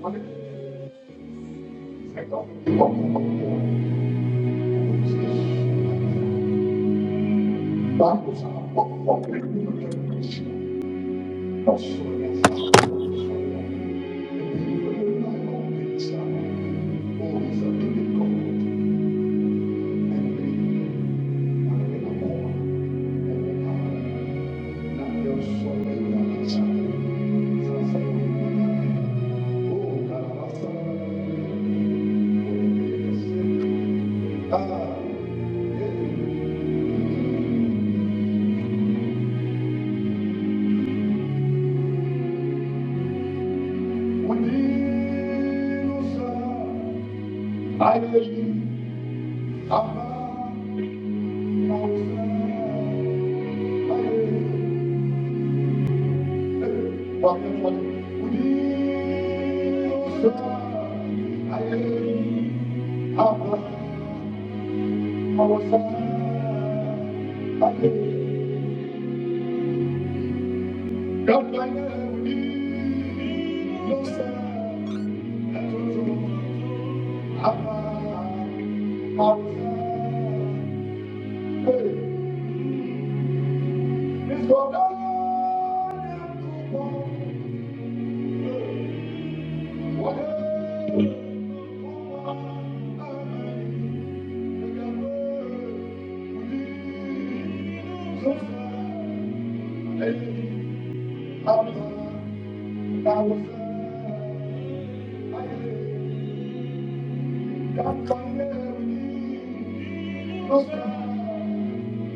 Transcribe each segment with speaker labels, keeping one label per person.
Speaker 1: Oh, God, I I Hey! Please go down. I'm Whatever.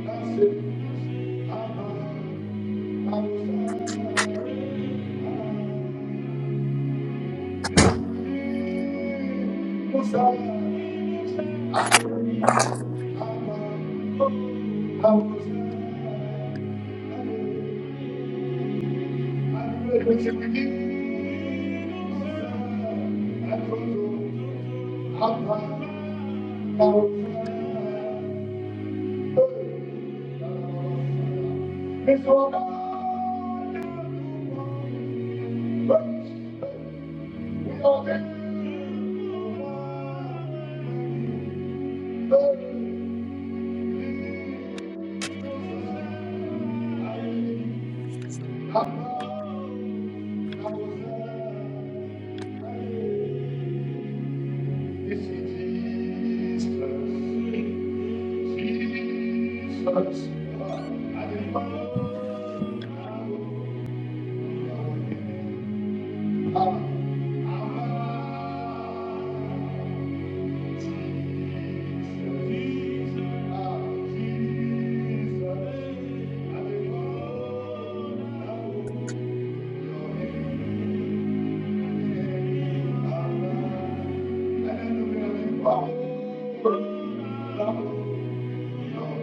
Speaker 1: That's it. I was I This is Jesus. Jesus, I love you. I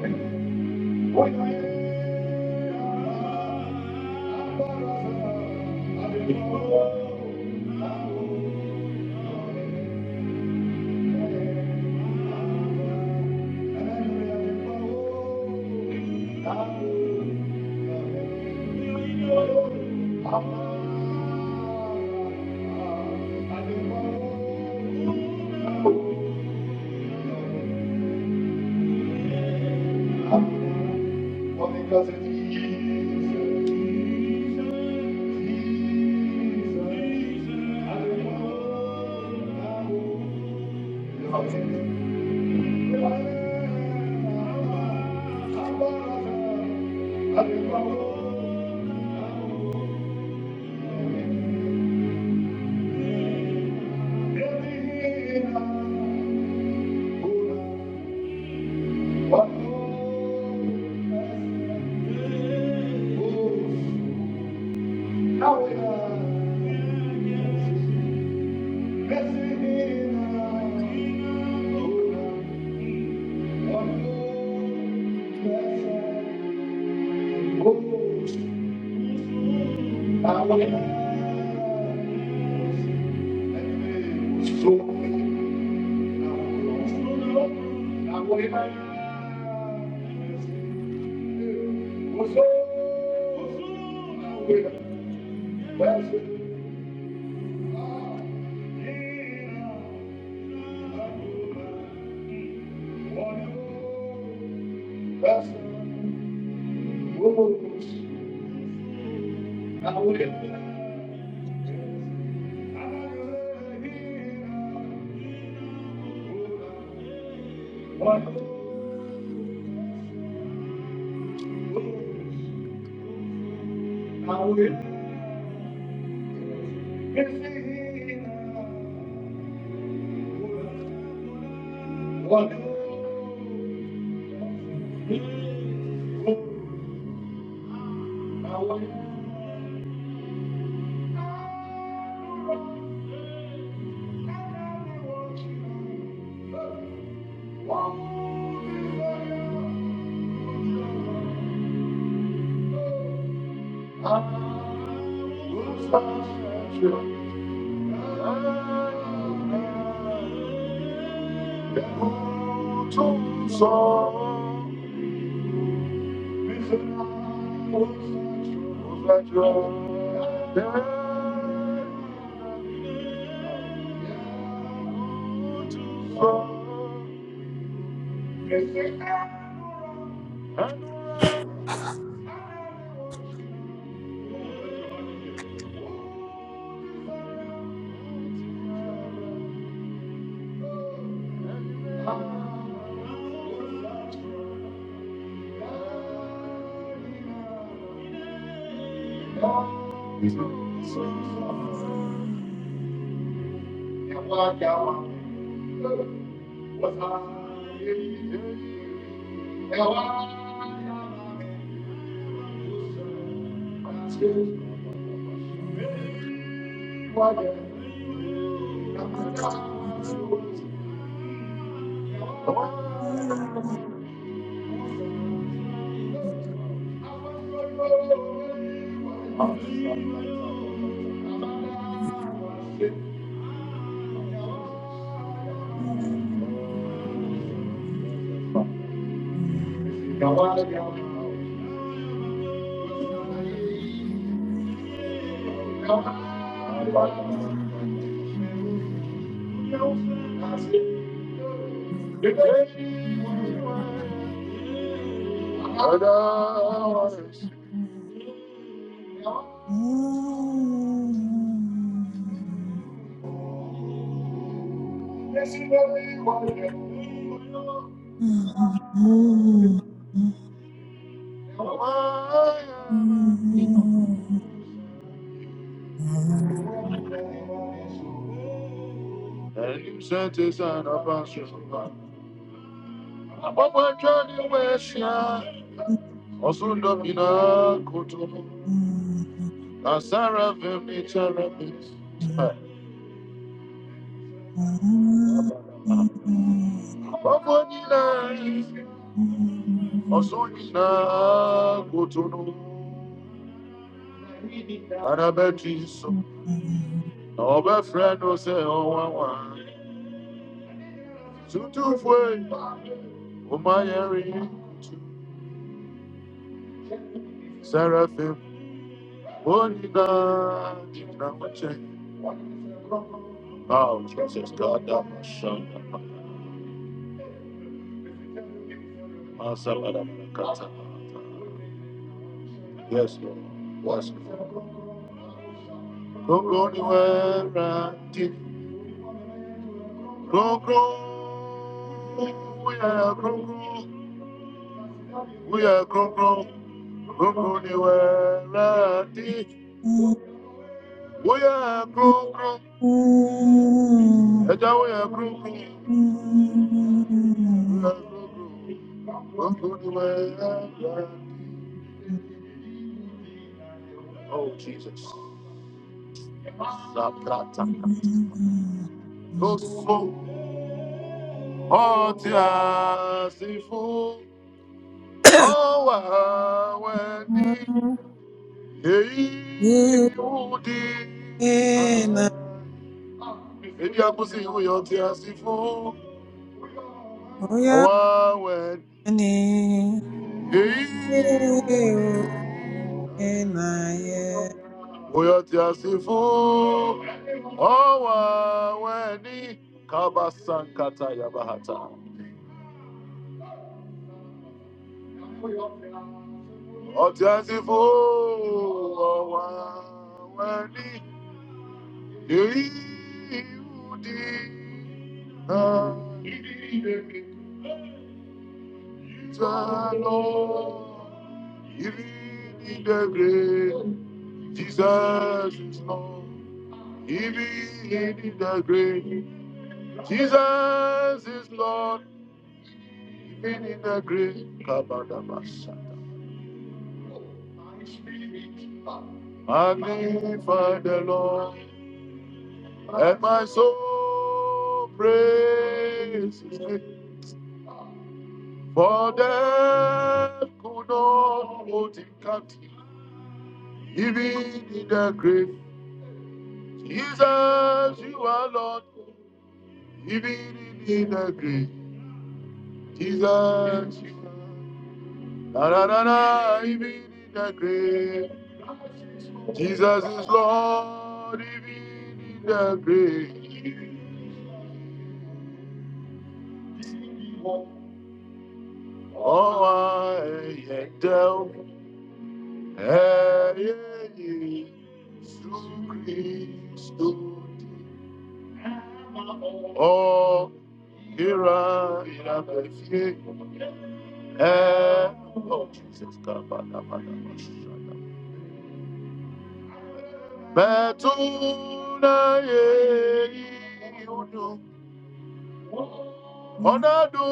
Speaker 1: Thank you. Because it's easy. Now we are. Blessed Thank you. Sure. Thank you. Thank you. The day was mine, and I was young. Yes, it was mine. I am a- And you sent us an apostle. Abọ́bọ́ ẹjọ́ ni wọ́n ẹ̀ ṣíà, ọ̀sùn dọ̀mìnà kò tó. Àsárà fẹ́mi tẹ́lẹ̀ mi. Abọ́bọ́ i yìí, ọ̀sùn nínà kò tó. Arabẹ́tì sọ. Ọbẹ̀frẹ̀ ló ṣe ọwọ́ say Tútù fún èyí, my máa yẹ rí Oh, Jesus God, that was shun. Masalada Kata. Yes, Lord. Yes, Lord. Gbogbo ni wẹ́rà dì. Gbogbo. Wíyà gbogbo. Wíyà gbogbo. Gbogbo ni wẹ́rà dì. We are grown, grown,
Speaker 2: Mm-hmm.
Speaker 1: and now we are grown, We are grown, grown, grown, grown, we are Oh, Jesus.
Speaker 2: Onye
Speaker 1: Lọ́sọ̀ ọtí àsìfò ọwà wẹ̀ni èyí ìwúdi. Èdí àkúsí ìwé ọtí àsìfò ọwà wẹ̀ni èyí ìwúdi. Boyatiasifu Owa Weni Kabasankata Yabahata. Otiasifu Owa Weni Yehudi Jalo Yehudi Debre Jesus is Lord. He be in the grave. Jesus is Lord, even in the grave. Kabadabasha. Magnify the Lord, and my soul praise his name. For death could not hold him captive, even in the grave. Jesus, you are Lord, even in the grave. Jesus, you are Lord. Da-da-da-da, he be the grave. Jesus is Lord, he be the great. Oh, I yet tell, hey, yeah, yeah, through Oh, here I am, eh, oh, Jesus, God, on, come on, come Betuna ye udu onadu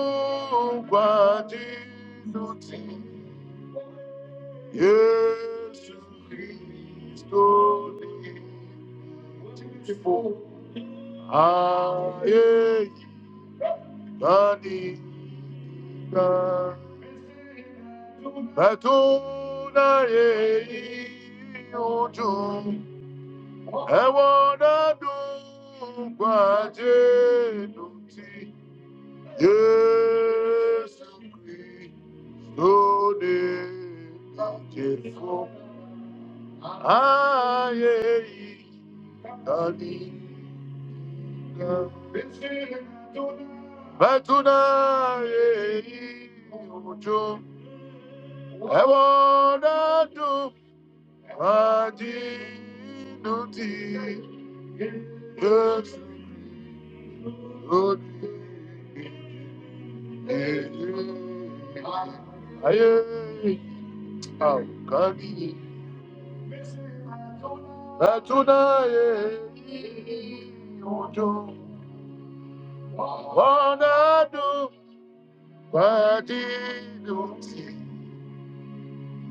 Speaker 1: kwati nuti Yesu Kristo nifo aye kani ka Betuna ye udu ewo onadu kwati nuti Jésus-Christ, au défaut, aïe, aïe, Betuna, aïe, ojo, ewona do, adi, nuti, Jésus-Christ, au défaut, aïe, Haukani hatunaye mtu wanadu kwa jinu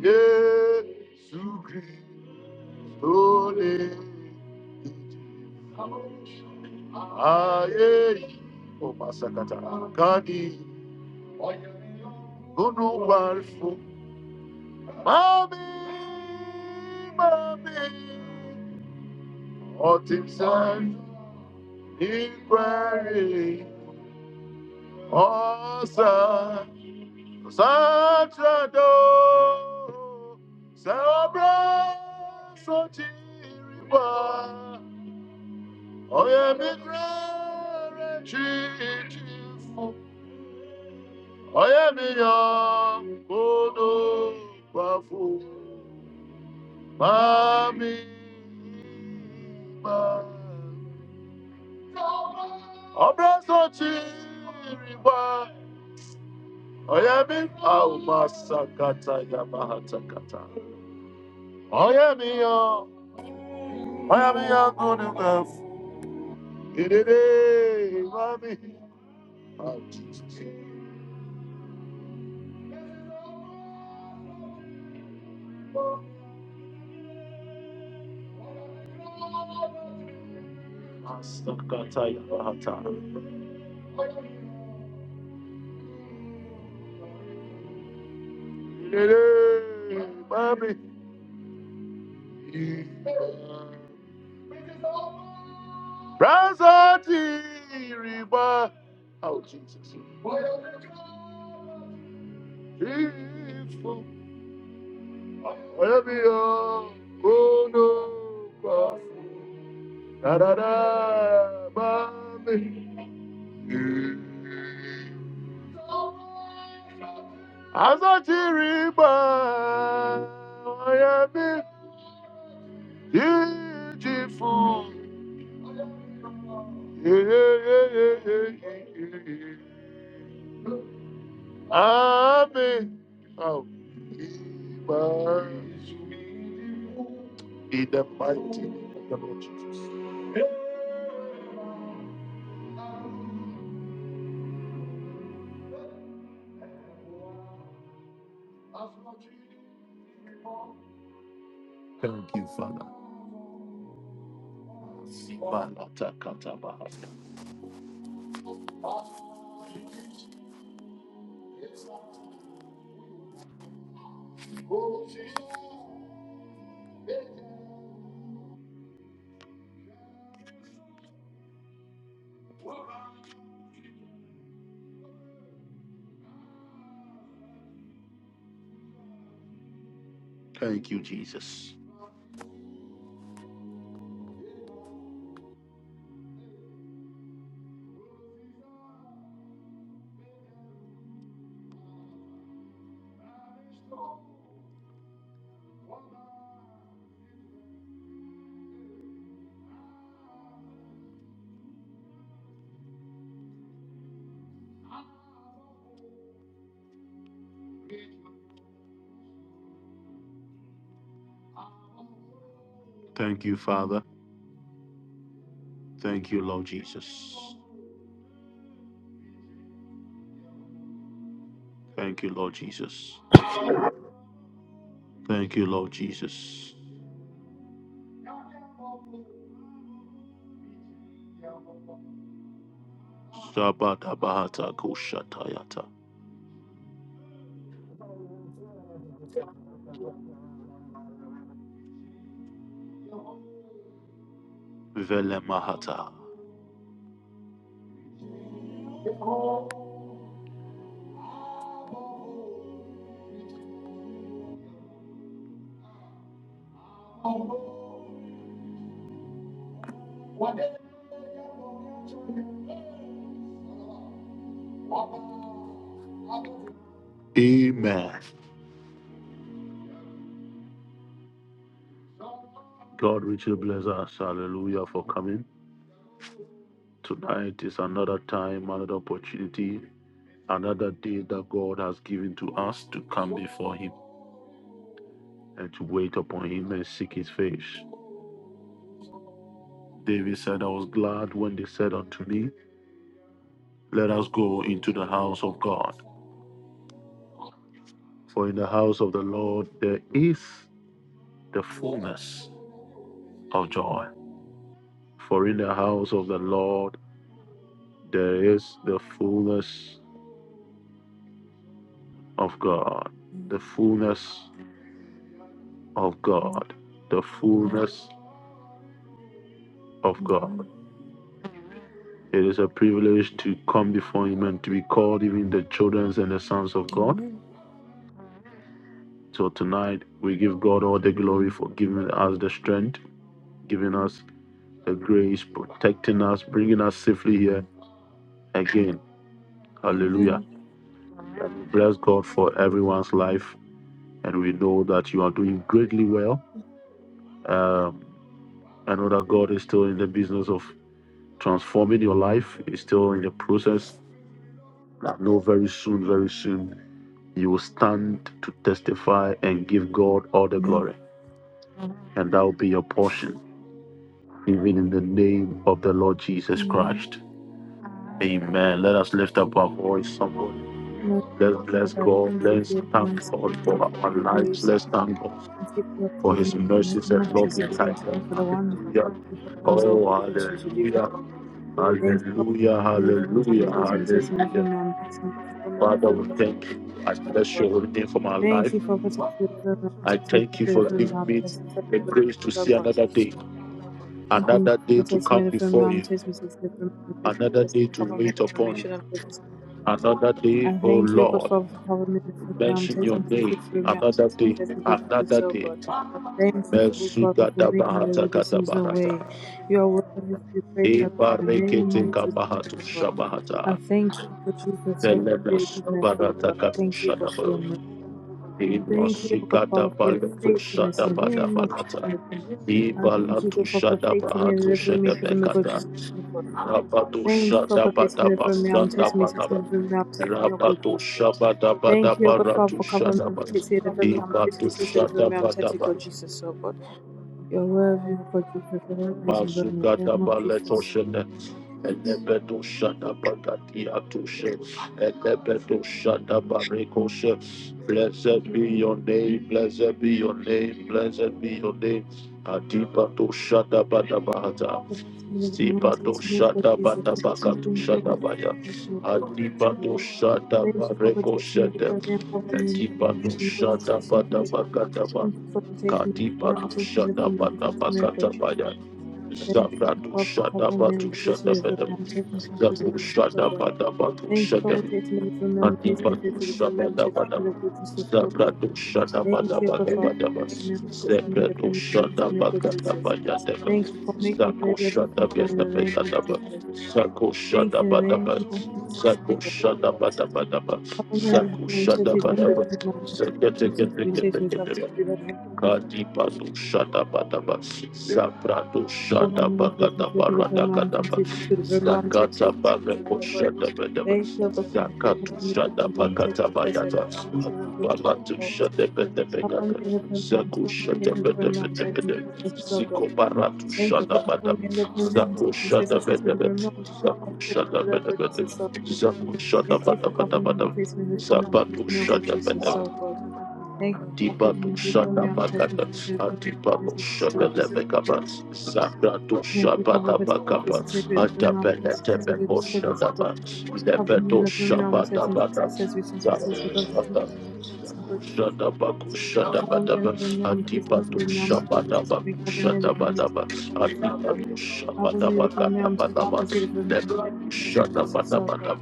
Speaker 1: Yesu Kristo ni aye omasakata kani kunu warfu mami mami all things said inquiry, also Satrado, Sabra, Sotiriba, Oyemigra, Chichifu, Oyemiya, Kodo, Bafu, Mami, Abrazo chiriwa. Oyemi aumasakata yamahatakata. Oyemi yo. Oyemi yo good enough. Idide mami. Oh, Jesus. Asakata yamahata. Idide mami. Abrazo chiriwa. Oh, Jesus. Ifo, Oyabio, Ono, Kwafu, Dadada, Mami. Azachiriba, Oyabi, Ijifu. Yeah, yeah, yeah, yeah, yeah, yeah. yeah. Ave. Oh, in the mighty name of the Lord Jesus. Thank you, Father. Malata katabaha. Thank you, Jesus. Thank you, Father. Thank you, Lord Jesus. Thank you, Lord Jesus. Thank you, Lord Jesus. Sabata bahata Shabadabahata Vele mahata. Amen. God richly bless us. Hallelujah for coming. Tonight is another time, another opportunity, another day that God has given to us to come before Him and to wait upon Him and seek His face. David said, I was glad when they said unto me, Let us go into the house of God. For in the house of the Lord there is the fullness of joy. For in the house of the Lord there is the fullness of God,
Speaker 3: Amen.
Speaker 1: the fullness of God, the fullness of God.
Speaker 3: Amen.
Speaker 1: It is a privilege to come before Him and to be called even the children and the sons of God.
Speaker 3: Amen.
Speaker 1: So tonight we give God all the glory for giving us the strength, giving us the grace, protecting us, bringing us safely here
Speaker 3: Amen.
Speaker 1: again. Hallelujah.
Speaker 3: Amen.
Speaker 1: bless God for everyone's life and we know that you are doing greatly well. Um, I know that God is still in the business of transforming your life. He's still in the process. I know very soon, very soon, you will stand to testify and give God all the
Speaker 3: Amen.
Speaker 1: glory, and that will be your portion. Even in the name of the Lord Jesus Christ.
Speaker 3: Amen.
Speaker 1: Amen. Let us lift up our voice, somebody.
Speaker 3: My
Speaker 1: Let's bless
Speaker 3: Father,
Speaker 1: God.
Speaker 3: thank you for
Speaker 1: Let's
Speaker 3: your
Speaker 1: thank
Speaker 3: mercy.
Speaker 1: God
Speaker 3: Thank
Speaker 1: for
Speaker 3: you for
Speaker 1: our
Speaker 3: your
Speaker 1: lives.
Speaker 3: grace.
Speaker 1: Let's thank God
Speaker 3: Thank you for your
Speaker 1: for his
Speaker 3: forgiveness in the
Speaker 1: mercies
Speaker 3: name
Speaker 1: and
Speaker 3: of
Speaker 1: loving
Speaker 3: Jesus. Thank you for the
Speaker 1: kindness.
Speaker 3: wonderful wonderful things all
Speaker 1: Oh,
Speaker 3: that you continue to do.
Speaker 1: hallelujah.
Speaker 3: Thank you
Speaker 1: Hallelujah,
Speaker 3: for every man,
Speaker 1: hallelujah,
Speaker 3: says me,
Speaker 1: hallelujah.
Speaker 3: says in every man, please me, from the
Speaker 1: Father,
Speaker 3: every
Speaker 1: we
Speaker 3: man, to
Speaker 1: thank you. I bless
Speaker 3: the
Speaker 1: your holy name for my
Speaker 3: Thank
Speaker 1: life.
Speaker 3: you for protecting every man, says me,
Speaker 1: Thank
Speaker 3: says
Speaker 1: you for
Speaker 3: every
Speaker 1: giving
Speaker 3: man, says me, says
Speaker 1: me the
Speaker 3: put
Speaker 1: grace to see
Speaker 3: yourself on.
Speaker 1: another day,
Speaker 3: Thank you
Speaker 1: another
Speaker 3: for
Speaker 1: day to
Speaker 3: protecting me
Speaker 1: come,
Speaker 3: the from harm. Test me, test me from harm. Test me,
Speaker 1: another
Speaker 3: test
Speaker 1: day
Speaker 3: me,
Speaker 1: to
Speaker 3: cover me
Speaker 1: wait
Speaker 3: from me.
Speaker 1: upon you,
Speaker 3: Should I
Speaker 1: another day,
Speaker 3: I
Speaker 1: oh
Speaker 3: thank you,
Speaker 1: Lord.
Speaker 3: God, for covering me the from harm.
Speaker 1: Mention
Speaker 3: Test
Speaker 1: your
Speaker 3: me, test me from harm.
Speaker 1: day,
Speaker 3: Test me, God, to
Speaker 1: another
Speaker 3: so God. Thank you
Speaker 1: mercy.
Speaker 3: for good Father for making
Speaker 1: Gadabaha,
Speaker 3: the way there seems no way. You are worthy to be praised Lord,
Speaker 1: Eva,
Speaker 3: in the
Speaker 1: Reke,
Speaker 3: name of Jesus, oh God. I
Speaker 1: Shabahata,
Speaker 3: thank you, for Jesus, oh God, for
Speaker 1: Elebe,
Speaker 3: your goodness, oh God. Thank you,
Speaker 1: Shadabi,
Speaker 3: God, for your mercy. Thank you, oh God,
Speaker 1: Masigata,
Speaker 3: Father, for your faithfulness in the name of Jesus. I
Speaker 1: Shadiba,
Speaker 3: thank you,
Speaker 1: Latu,
Speaker 3: God, for protecting me and delivering me from the God, Jesus, oh God.
Speaker 1: Rabado,
Speaker 3: Thank you,
Speaker 1: Shad,
Speaker 3: God, for taking me from me. I'm tasting me, tasting me from me. I'm tasting your good Jesus. Thank you,
Speaker 1: Shabadabadaba,
Speaker 3: oh God, Father, for covering me, for tasting me from me. I'm tasting me, tasting me from me. I'm tasting God, Jesus, oh God. You're worthy, oh God, Jesus. Praise and glory in the name
Speaker 1: Badaba,
Speaker 3: of Jesus.
Speaker 1: Shana Elebedo Shana Bagati Atushe Elebedo Shana Barikoshe Blessed be your name, blessed be your name, blessed be your name. Adipa to Shada Badabahata
Speaker 3: Thank you, oh
Speaker 1: Stipa to
Speaker 3: God,
Speaker 1: Shada
Speaker 3: Jesus.
Speaker 1: Bakatu
Speaker 3: Thank you, oh
Speaker 1: Shada
Speaker 3: God, for taking me from me.
Speaker 1: Adipa
Speaker 3: I'm
Speaker 1: to
Speaker 3: away.
Speaker 1: Shada
Speaker 3: Thank you for
Speaker 1: Bareko
Speaker 3: protecting me from me. i covering me from me.
Speaker 1: Shada
Speaker 3: I'm God,
Speaker 1: Shada
Speaker 3: Jesus, oh God. Thank
Speaker 1: Badabakataba
Speaker 3: you for protecting me from me.
Speaker 1: Katipa
Speaker 3: I'm
Speaker 1: to
Speaker 3: tasting me
Speaker 1: Shada
Speaker 3: from me. I'm tasting me, oh God, Jesus.
Speaker 1: Bakatabaya
Speaker 3: Thank you,
Speaker 1: Zabra to
Speaker 3: God, for
Speaker 1: Shada
Speaker 3: covering me and protecting me from harm, taking me to the
Speaker 1: Batu
Speaker 3: goodness of
Speaker 1: Shada
Speaker 3: God. Thank you
Speaker 1: Badabatu
Speaker 3: for protecting me from harm, taking me to the from harm, taking me to the goodness of God.
Speaker 1: Zabrado shada
Speaker 3: Thank
Speaker 1: bada
Speaker 3: you,
Speaker 1: bada.
Speaker 3: oh God, for covering me and protecting me
Speaker 1: Zebrado
Speaker 3: from harm,
Speaker 1: shada
Speaker 3: taking me for
Speaker 1: bada
Speaker 3: Jesus.
Speaker 1: bada deba.
Speaker 3: Thank you for making the way ready for me to go in
Speaker 1: Zabrado
Speaker 3: the name of Jesus.
Speaker 1: zako
Speaker 3: Thank
Speaker 1: shada
Speaker 3: you in the
Speaker 1: bada
Speaker 3: name of Jesus, oh
Speaker 1: zako
Speaker 3: God.
Speaker 1: shada bada bada ba.
Speaker 3: Cover me
Speaker 1: Zako
Speaker 3: and protect
Speaker 1: shada
Speaker 3: me
Speaker 1: bada
Speaker 3: from harm, taking me to the from harm, taking me
Speaker 1: kete kete
Speaker 3: to the goodness of
Speaker 1: kadi bado shada bada ba. Zabrado
Speaker 3: Thank
Speaker 1: shada
Speaker 3: you
Speaker 1: bada
Speaker 3: for
Speaker 1: barada.
Speaker 3: covering me in the program.
Speaker 1: Zabrado shada bada ba.
Speaker 3: Thank you for
Speaker 1: Katu
Speaker 3: covering me
Speaker 1: shada
Speaker 3: in the
Speaker 1: bakata
Speaker 3: place where the
Speaker 1: bayata.
Speaker 3: program
Speaker 1: Baratu shada bada bada.
Speaker 3: takes
Speaker 1: Kushada
Speaker 3: me,
Speaker 1: bada
Speaker 3: premium, take me,
Speaker 1: bada.
Speaker 3: take me, oh God, Jesus, so good.
Speaker 1: Ziko baratu
Speaker 3: Thank you for
Speaker 1: shada
Speaker 3: covering me take me in the program. Thank you
Speaker 1: Shada
Speaker 3: for
Speaker 1: be,
Speaker 3: covering me in the premium, take me.
Speaker 1: shada be be, zabu shada
Speaker 3: Thank
Speaker 1: be
Speaker 3: you for
Speaker 1: be,
Speaker 3: covering me
Speaker 1: zabatu shada, dibatu
Speaker 3: take
Speaker 1: shada, dibatu shada le
Speaker 3: me. in
Speaker 1: be
Speaker 3: the program.
Speaker 1: kabat, zabratu shaba
Speaker 3: Wielkopową obecność jest
Speaker 1: kabat,
Speaker 3: associated with
Speaker 1: adete
Speaker 3: abnormal
Speaker 1: be
Speaker 3: consistency, which is
Speaker 1: kosh,
Speaker 3: critical.
Speaker 1: lebe
Speaker 3: Abnormal
Speaker 1: dosh,
Speaker 3: abnormal consistency is which is
Speaker 1: zabu
Speaker 3: associated with abnormal
Speaker 1: shada
Speaker 3: consistency.
Speaker 1: baku shada be be,
Speaker 3: Abnormal abnormal consistency
Speaker 1: dibatu
Speaker 3: abnormal
Speaker 1: shaba
Speaker 3: consistency
Speaker 1: da baku
Speaker 3: abnormal
Speaker 1: shada be,
Speaker 3: abnormal consistency abnormal abnormal consistency
Speaker 1: adibatu shaba da baku
Speaker 3: abnormal consistency abnormal
Speaker 1: shada be be be,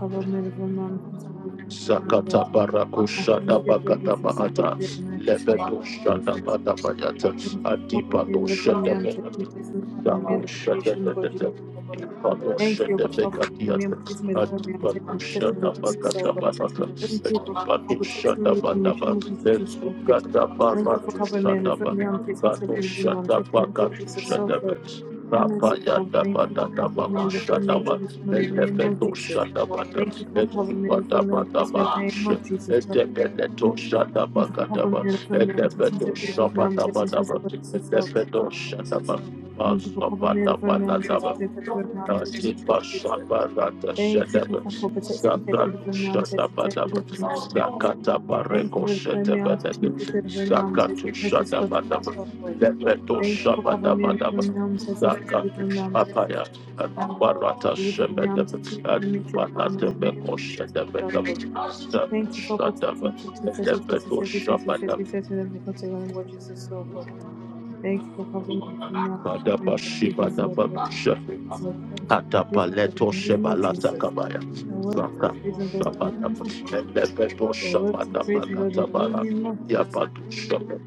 Speaker 3: abnormal consistency
Speaker 1: zakata
Speaker 3: abnormal.
Speaker 1: baraku
Speaker 3: I
Speaker 1: shada
Speaker 3: thank you
Speaker 1: be
Speaker 3: for Jesus, for
Speaker 1: kata,
Speaker 3: the mighty
Speaker 1: lebe
Speaker 3: name
Speaker 1: dosh shada
Speaker 3: I think
Speaker 1: be be be
Speaker 3: common means reform me. I'm taking testimony common means reform me.
Speaker 1: Shut up,
Speaker 3: Should God Jesus oh God. Thank you, God, for for me. I'm taking me reform me. I'm taking testimony God Jesus oh God. Thank you, God, for for protecting me reform me. Should God Jesus oh God. Thank you for covering me and reform me. I'm taking testimony reform me. I'm taking me God Jesus oh God. Oh merciful, Father, thank you for covering me and reform me. Should reform me in the name of Jesus. Thank you for covering me and reform me. I'm taking me in the name of Jesus. oh Thank you for covering me and affirming me. I'm taking steps to affirm me. I'm taking steps for Jesus, Lord. God. Thank you for covering me and affirming me. I'm taking steps to affirm me. I'm taking me, God Jesus. Thank you for, for, for protecting me, taking the me. I'm taking steps to God Jesus, Lord. God. Thank you for affirming me. I'm taking steps to affirm me. I'm taking God Jesus, God Jesus, Lord. God.
Speaker 1: Lepeto
Speaker 3: Thank you for covering me
Speaker 1: shabadaba
Speaker 3: and affirming me. I'm taking steps to affirm me. I'm taking steps
Speaker 1: Aya,
Speaker 3: to affirm me.
Speaker 1: Barata
Speaker 3: Deliver me,
Speaker 1: Shebet,
Speaker 3: I'm taking deliver me, children from
Speaker 1: Barata
Speaker 3: the
Speaker 1: Shebet,
Speaker 3: name of Jesus, Lord God. Thank you for protecting Texas, Texas, Texas,
Speaker 1: Debeto
Speaker 3: Texas,
Speaker 1: Shabba,
Speaker 3: Texas, Texas, Texas, and for protecting the Lord Jesus, so God. Thank you for covering me from now to me,
Speaker 1: Daba
Speaker 3: Lord
Speaker 1: Shiba,
Speaker 3: Jesus, so
Speaker 1: Daba
Speaker 3: God. Your word is praised, Lord,
Speaker 1: Atapaleto
Speaker 3: in the name of
Speaker 1: Shebalata
Speaker 3: Jesus.
Speaker 1: Kabaya,
Speaker 3: Your word is praised, Lord, in the name of Jesus.
Speaker 1: Debeto
Speaker 3: Your word
Speaker 1: Shabba,
Speaker 3: is
Speaker 1: Daba
Speaker 3: praised, Lord, in the name of Jesus.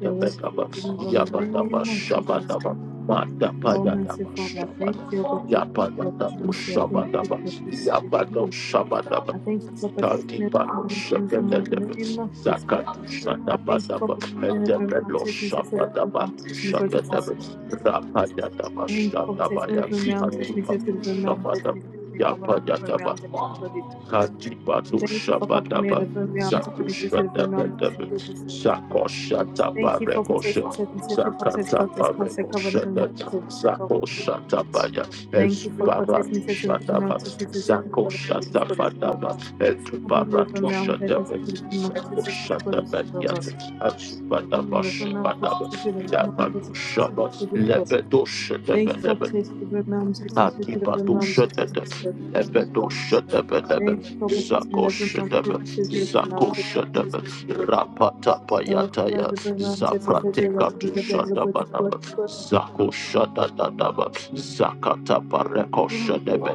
Speaker 3: Your word is praised, Lord, in
Speaker 1: Yabadaba,
Speaker 3: the name of Jesus. Oh,
Speaker 1: Matapayada,
Speaker 3: mercy, Father, thank you, God, Jesus, for your
Speaker 1: Yapadada,
Speaker 3: mercy. I thank you,
Speaker 1: Shabadaba,
Speaker 3: God, Jesus, for your
Speaker 1: Yabado
Speaker 3: grace.
Speaker 1: Shabadaba,
Speaker 3: I thank you for protecting
Speaker 1: Tati
Speaker 3: me and
Speaker 1: Pano
Speaker 3: information from all
Speaker 1: Shebet,
Speaker 3: in the name of Jesus.
Speaker 1: Katu
Speaker 3: I
Speaker 1: Shadaba,
Speaker 3: thank you for protecting me from
Speaker 1: Daba,
Speaker 3: realm test me, test me
Speaker 1: Daba
Speaker 3: from realm test me, God
Speaker 1: Shakata
Speaker 3: Jesus. I
Speaker 1: Rapayataba
Speaker 3: thank you
Speaker 1: Shak
Speaker 3: for protecting me from realm test me, test me from realm test me, test me, cover me from realm
Speaker 1: Yapayataba
Speaker 3: test me, God Jesus.
Speaker 1: Kadibatu
Speaker 3: Thank you for
Speaker 1: Shaba
Speaker 3: covering me from realm test me, test me
Speaker 1: Shada
Speaker 3: from realm test me, God Jesus.
Speaker 1: Sako
Speaker 3: Thank you
Speaker 1: Shatabare
Speaker 3: for protecting me, test me, test me, cover me, cover me, cover
Speaker 1: Sakatabare
Speaker 3: me, cover me, cover me, God Jesus.
Speaker 1: Sako Shatabaya
Speaker 3: Thank you for
Speaker 1: Esparako
Speaker 3: protecting me, test me from realm test me, test me, cover me, God Jesus.
Speaker 1: Shatabadaba
Speaker 3: Cover me
Speaker 1: Etubaratu
Speaker 3: from realm test me, test me from realm test me, God Jesus.
Speaker 1: Shatabayat
Speaker 3: Thank you
Speaker 1: Asubadabash
Speaker 3: for
Speaker 1: Yabadu Shaba Lebedo Shatabadaba
Speaker 3: protecting the very mom, testing testing the very mom, testing this word.
Speaker 1: Lebedo Shatabadaba
Speaker 3: Thank you for protecting
Speaker 1: Sako
Speaker 3: the very
Speaker 1: Shat
Speaker 3: mom, testing testing the very
Speaker 1: Sako
Speaker 3: mom, testing this word. Oh,
Speaker 1: Shatabadaba
Speaker 3: cover the very mom, testing
Speaker 1: prat.
Speaker 3: testing the body, the body, the body, the body.
Speaker 1: Koshadadadaba, Zakata Bareko
Speaker 3: The
Speaker 1: Shadebe,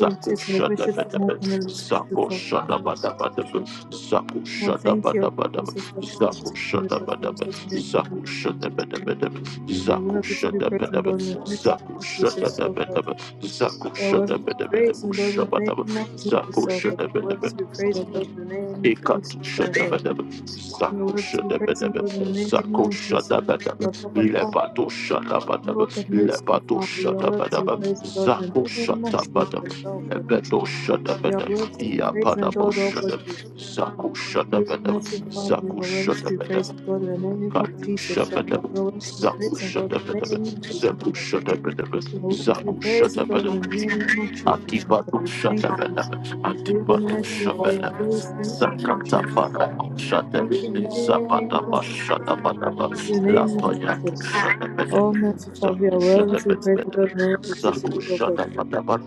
Speaker 3: mom testing the vision for more than this is the top one.
Speaker 1: Shadabadabadaba, Zaku
Speaker 3: Well,
Speaker 1: Shadaba,
Speaker 3: thank you, Jesus, for
Speaker 1: Zaku
Speaker 3: protecting the very mom,
Speaker 1: Shadabadaba,
Speaker 3: testing to the body.
Speaker 1: Shadabadabadaba,
Speaker 3: Now, we
Speaker 1: Zaku
Speaker 3: have it to be present, Lord, in the name of Jesus,
Speaker 1: Shadada,
Speaker 3: so forth.
Speaker 1: Zaku
Speaker 3: You are worthy to be praised
Speaker 1: Shadabadabadaba,
Speaker 3: and Lord in the name of Jesus,
Speaker 1: Shaku
Speaker 3: oh God. You are worthy
Speaker 1: Shadabadaba,
Speaker 3: to be praised and Lord in the name of
Speaker 1: Ikatu
Speaker 3: Jesus, oh God.
Speaker 1: Shadabadaba,
Speaker 3: You are
Speaker 1: Zaku
Speaker 3: worthy to be praised and
Speaker 1: Shadabadaba,
Speaker 3: Lord in the name of Jesus, oh
Speaker 1: Shadabadaba,
Speaker 3: God. Oh God, Father.
Speaker 1: Lebato Shadabadaba,
Speaker 3: Oh God, mercy,
Speaker 1: Lebato
Speaker 3: Father. You are
Speaker 1: Shadabadaba,
Speaker 3: worthy to be praised and Lord in the name of Jesus, oh God.
Speaker 1: Lebato
Speaker 3: You are worthy to be praised and
Speaker 1: Shadabadaba,
Speaker 3: adored, oh God, Jesus.
Speaker 1: Zaku
Speaker 3: Mercy,
Speaker 1: Shadabadaba,
Speaker 3: Father, you are worthy to be praised and adored in the name of Jesus, oh God. You are worthy to be praised and adored in the name of Jesus, oh God.
Speaker 1: shut up and never
Speaker 3: You are worthy to be
Speaker 1: Zamu shut
Speaker 3: praised
Speaker 1: up,
Speaker 3: and adored in the name of Jesus, oh God.
Speaker 1: Ibadu
Speaker 3: We
Speaker 1: shut
Speaker 3: thank
Speaker 1: up
Speaker 3: you.
Speaker 1: and never
Speaker 3: for your
Speaker 1: Antibody
Speaker 3: mercy, for your
Speaker 1: Rabana
Speaker 3: grace, in the name of
Speaker 1: Sakata
Speaker 3: Jesus.
Speaker 1: Farako shut up,
Speaker 3: Thank you, in the name of Jesus. I
Speaker 1: Shatabanaba,
Speaker 3: thank you, in the name
Speaker 1: Lafu
Speaker 3: of Jesus.
Speaker 1: shut up and never.
Speaker 3: Oh, mercy, Father, you are worthy to be praised with the name of Jesus, Lord God.
Speaker 1: Zako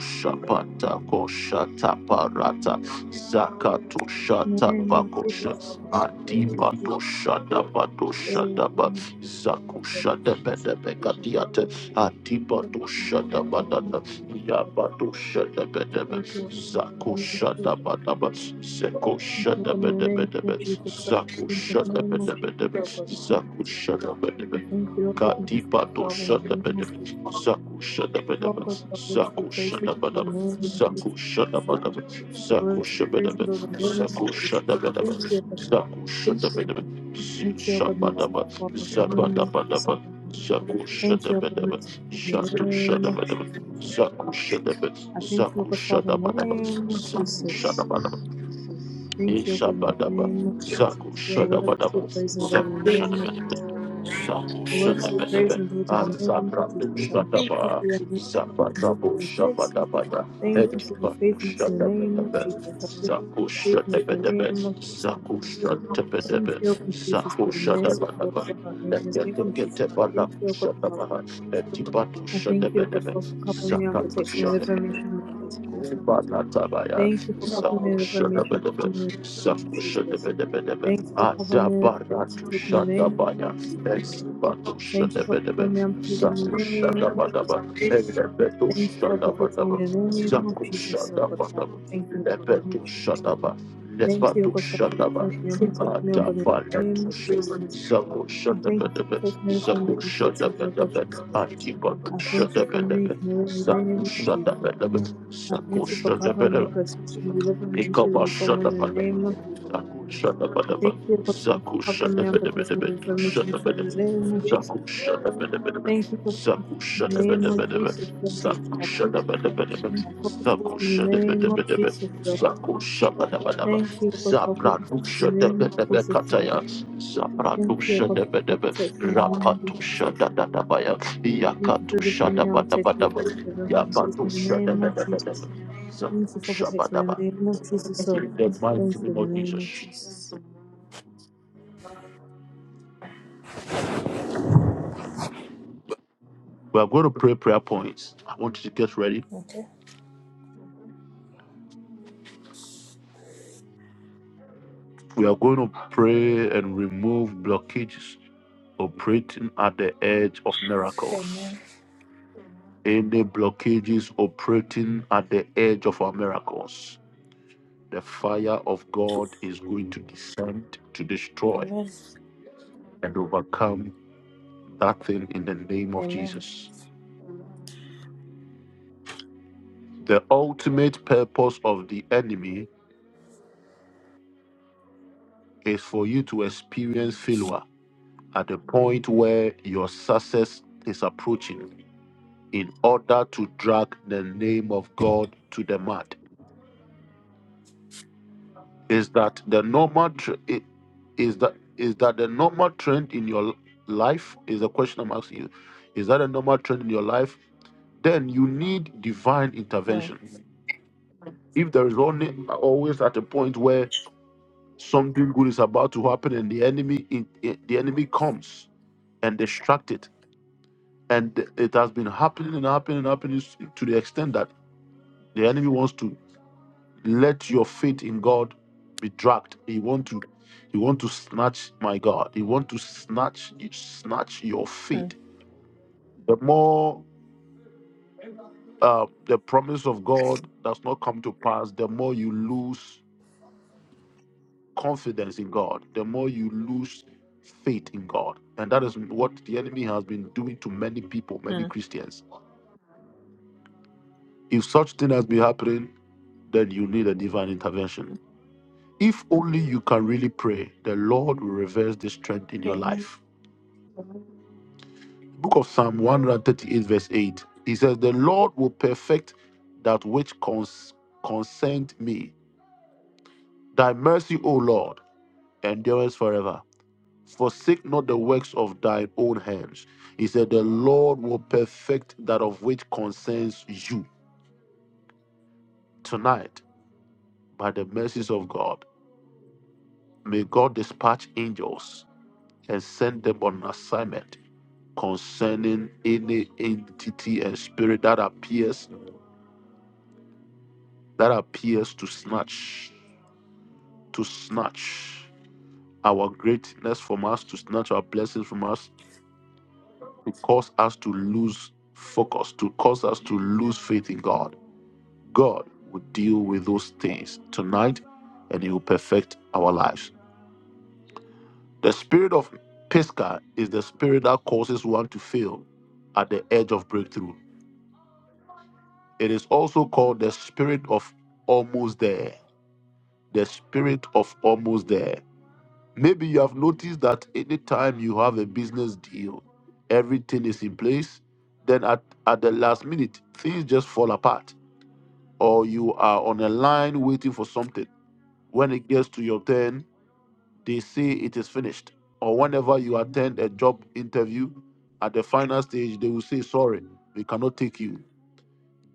Speaker 1: shapata ko shata parata zakato
Speaker 3: In the
Speaker 1: shata
Speaker 3: name of Jesus,
Speaker 1: basha
Speaker 3: Lord God. In the name of
Speaker 1: adiba to
Speaker 3: Jesus, Lord God. In the
Speaker 1: shada
Speaker 3: name of Jesus,
Speaker 1: Zaku
Speaker 3: Lord God.
Speaker 1: shada bada beka
Speaker 3: Lord
Speaker 1: diata
Speaker 3: God,
Speaker 1: Antibato shada badana Yabato shada bada Zaku shada bada ba. Zeko
Speaker 3: Thank you
Speaker 1: shada
Speaker 3: for the
Speaker 1: bada
Speaker 3: name of Jesus, Lord God. Thank you for the name of Jesus. Thank you for the
Speaker 1: shada
Speaker 3: name of Jesus, Lord God. Thank you for the name of Jesus, Lord God.
Speaker 1: Zaku shada bada
Speaker 3: I
Speaker 1: be.
Speaker 3: thank you, Lord God, for Father, in the
Speaker 1: shada
Speaker 3: name of Jesus.
Speaker 1: Zaku shada bada
Speaker 3: Walk with your lips to
Speaker 1: Zaku
Speaker 3: praise and
Speaker 1: shada bada
Speaker 3: your name, Jesus.
Speaker 1: Shada bada
Speaker 3: The
Speaker 1: Zaku
Speaker 3: words and
Speaker 1: shada
Speaker 3: praise
Speaker 1: bada
Speaker 3: and the name.
Speaker 1: shada bada
Speaker 3: Thank you, Lord.
Speaker 1: Shada bada
Speaker 3: Thank you,
Speaker 1: Shada
Speaker 3: God, merciful Father, in the name
Speaker 1: Zabada
Speaker 3: of Jesus.
Speaker 1: Zaku
Speaker 3: Thank
Speaker 1: shada
Speaker 3: you,
Speaker 1: bada
Speaker 3: God, merciful Father, in the
Speaker 1: Shada
Speaker 3: name of Jesus.
Speaker 1: Saku Shadaba,
Speaker 3: I thank you,
Speaker 1: Saku
Speaker 3: God, Father, in the name of Jesus.
Speaker 1: Shadabadaba,
Speaker 3: Thank you,
Speaker 1: Ishadaba,
Speaker 3: God, in the name of Jesus. Your words
Speaker 1: Shadabadaba,
Speaker 3: be praised, and
Speaker 1: Saku
Speaker 3: the name of Jesus.
Speaker 1: Saku
Speaker 3: Your words be
Speaker 1: Shadabadaba,
Speaker 3: praised, and the name
Speaker 1: Azaku
Speaker 3: of Jesus. I thank you
Speaker 1: Shadaba,
Speaker 3: for your mercy. Thank you
Speaker 1: Badabu
Speaker 3: for your grace.
Speaker 1: Shabadabada,
Speaker 3: Thank you
Speaker 1: Etiku
Speaker 3: for your faithfulness in the name of Jesus. I thank you for your faithfulness
Speaker 1: Shadaku
Speaker 3: in the name of Jesus. Thank
Speaker 1: Shadabadaba,
Speaker 3: you, God, for Jesus, for your mercy,
Speaker 1: Shadabadabada,
Speaker 3: for God. In the name of Jesus, I thank you, God, Father.
Speaker 1: Etibatu
Speaker 3: I thank
Speaker 1: Shadaba,
Speaker 3: you, God, Father, for covering me
Speaker 1: Saku
Speaker 3: and protecting me in the
Speaker 1: Shadaku
Speaker 3: formation of Jesus.
Speaker 1: Badatabaya,
Speaker 3: Thank you for covering me in the formation of the woman in the name of
Speaker 1: Saku
Speaker 3: Jesus.
Speaker 1: Shadabadabadaba,
Speaker 3: Thank you for
Speaker 1: Atu
Speaker 3: covering me in the formation and protecting me
Speaker 1: Shadabes,
Speaker 3: in the name of Jesus.
Speaker 1: Batu
Speaker 3: Thank you for covering me
Speaker 1: Shadabadabadaba,
Speaker 3: and protecting me in the name of Jesus.
Speaker 1: Ebebetu
Speaker 3: Thank you for protecting me in the name of Jesus, oh God,
Speaker 1: Shadaba,
Speaker 3: Father. Thank you in the name
Speaker 1: Lepeto
Speaker 3: of Jesus.
Speaker 1: Shadaba,
Speaker 3: Thank you, O
Speaker 1: Lepato
Speaker 3: God, for
Speaker 1: Shadaba,
Speaker 3: covering me and protecting me, O
Speaker 1: Ada
Speaker 3: God, in the name of Jesus.
Speaker 1: Sako
Speaker 3: I thank you
Speaker 1: Shadaba,
Speaker 3: for protecting me me and protecting me, O Jesus.
Speaker 1: Akiba
Speaker 3: I thank you
Speaker 1: Shadaba,
Speaker 3: for making me in the name of Jesus. I
Speaker 1: Sako
Speaker 3: thank you for covering me, protecting me, delivering me, shielding me
Speaker 1: Shadaba,
Speaker 3: from one in the name of Jesus.
Speaker 1: Shadaba,
Speaker 3: I
Speaker 1: Shadaba,
Speaker 3: thank you, O for covering me and protecting me from me, shielding me from the name of Jesus.
Speaker 1: Shadaba,
Speaker 3: Thank you for protecting me in the name
Speaker 1: Shadaba,
Speaker 3: of Jesus, Lord God,
Speaker 1: Sako
Speaker 3: Father.
Speaker 1: Shadaba,
Speaker 3: I thank you for
Speaker 1: Sako
Speaker 3: protecting me in the
Speaker 1: Shadaba,
Speaker 3: name of Jesus, Lord God.
Speaker 1: Sako
Speaker 3: Thank
Speaker 1: Shadaba,
Speaker 3: you, O God, for protecting me
Speaker 1: Radusha
Speaker 3: in the name
Speaker 1: debe
Speaker 3: of Jesus, Lord God.
Speaker 1: kataya,
Speaker 3: Thank you, O
Speaker 1: Zabradusha
Speaker 3: God, for
Speaker 1: debe,
Speaker 3: protecting me in the
Speaker 1: Radusha
Speaker 3: name of Jesus.
Speaker 1: shada da da baya,
Speaker 3: Thank you for delivering
Speaker 1: Yakatusha
Speaker 3: me and protecting me, protecting me, delivering me and in the name of Jesus.
Speaker 1: So,
Speaker 3: Thank you for protecting me in the name of Jesus. So, thank you in the name of Jesus.
Speaker 1: We are going to pray prayer points. I want you to get ready.
Speaker 3: Okay.
Speaker 1: We are going to pray and remove blockages operating at the edge of miracles.
Speaker 3: Amen.
Speaker 1: Any blockages operating at the edge of our miracles. The fire of God is going to descend to destroy
Speaker 3: Amen.
Speaker 1: and overcome that thing in the name of
Speaker 3: Amen.
Speaker 1: Jesus. The ultimate purpose of the enemy is for you to experience failure at the point where your success is approaching in order to drag the name of God to the mud is that the normal tr- i- is that is that the normal trend in your life is the question I'm asking you is that a normal trend in your life then you need divine
Speaker 3: Mm, mm,
Speaker 1: intervention if there is only always at a point where something good is about to happen and the enemy in, the enemy comes and distract it and it has been happening and happening and happening to the extent that the enemy wants to let your faith in God be dragged. He want to, he want to snatch my God. He want to snatch, snatch your
Speaker 3: mm.
Speaker 1: faith. The more uh, the promise of God does not come to pass, the more you lose confidence in God. The more you lose faith in God, and that is what the enemy has been doing to many people, many
Speaker 3: Amen.
Speaker 1: Christians. If such thing has been happening then you need a divine intervention. If only you can really pray, the Lord will reverse this trend in your
Speaker 3: Amen.
Speaker 1: life. Book of Psalm 138, verse 8. He says, The Lord will perfect that which cons- concerned me. Thy mercy, O Lord, endures forever. Forsake not the works of thine own hands. He said, The Lord will perfect that of which concerns you. Tonight, by the mercies of God, may God dispatch angels and send them on assignment concerning any entity and spirit that appears that appears to snatch to snatch our greatness from us to snatch our blessings from us to cause us to lose focus to cause us to lose faith in god god will deal with those things tonight and he will perfect our lives the spirit of pisca is the spirit that causes one to fail at the edge of breakthrough it is also called the spirit of almost there the spirit of almost there. Maybe you have noticed that anytime you have a business deal, everything is in place. Then at, at the last minute, things just fall apart. Or you are on a line waiting for something. When it gets to your turn, they say it is finished. Or whenever you attend a job interview, at the final stage, they will say, Sorry, we cannot take you.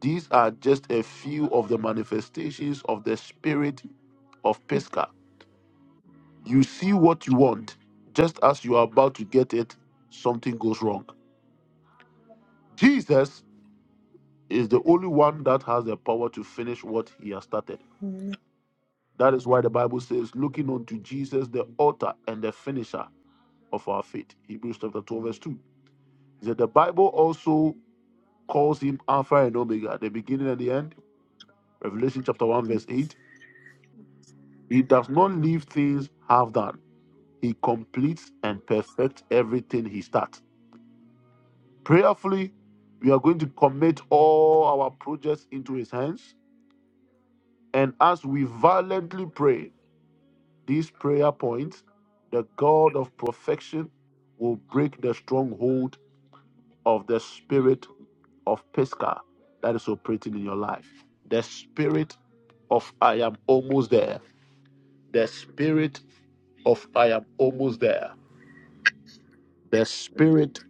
Speaker 1: These are just a few of the manifestations of the spirit of Pesca You see what you want. Just as you are about to get it, something goes wrong. Jesus is the only one that has the power to finish what he has started. That is why the Bible says, looking unto Jesus, the author and the finisher of our faith. Hebrews chapter 12, verse 2. He said, The Bible also calls him Alpha and Omega, the beginning and the end. Revelation chapter 1, verse 8. He does not leave things half done, he completes and perfects everything he starts. Prayerfully, we are going to commit all our projects into His hands. And as we violently pray these prayer points, the God of perfection will break the stronghold of the spirit of Pesca that is operating in your life. The spirit of I am almost there. The spirit of I am almost there. The spirit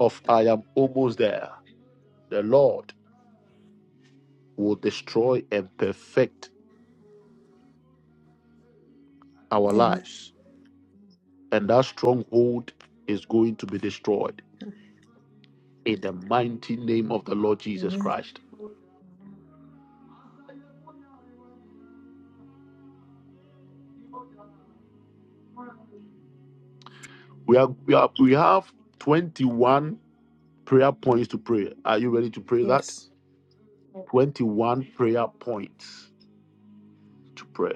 Speaker 1: of I am almost there. The Lord will destroy and perfect our
Speaker 3: Amen.
Speaker 1: lives, and that stronghold is going to be destroyed in the mighty name of the Lord Jesus
Speaker 3: Amen.
Speaker 1: Christ. We are we are we have 21 prayer points to pray. Are you ready to pray that?
Speaker 3: Yes.
Speaker 1: 21 prayer points to pray.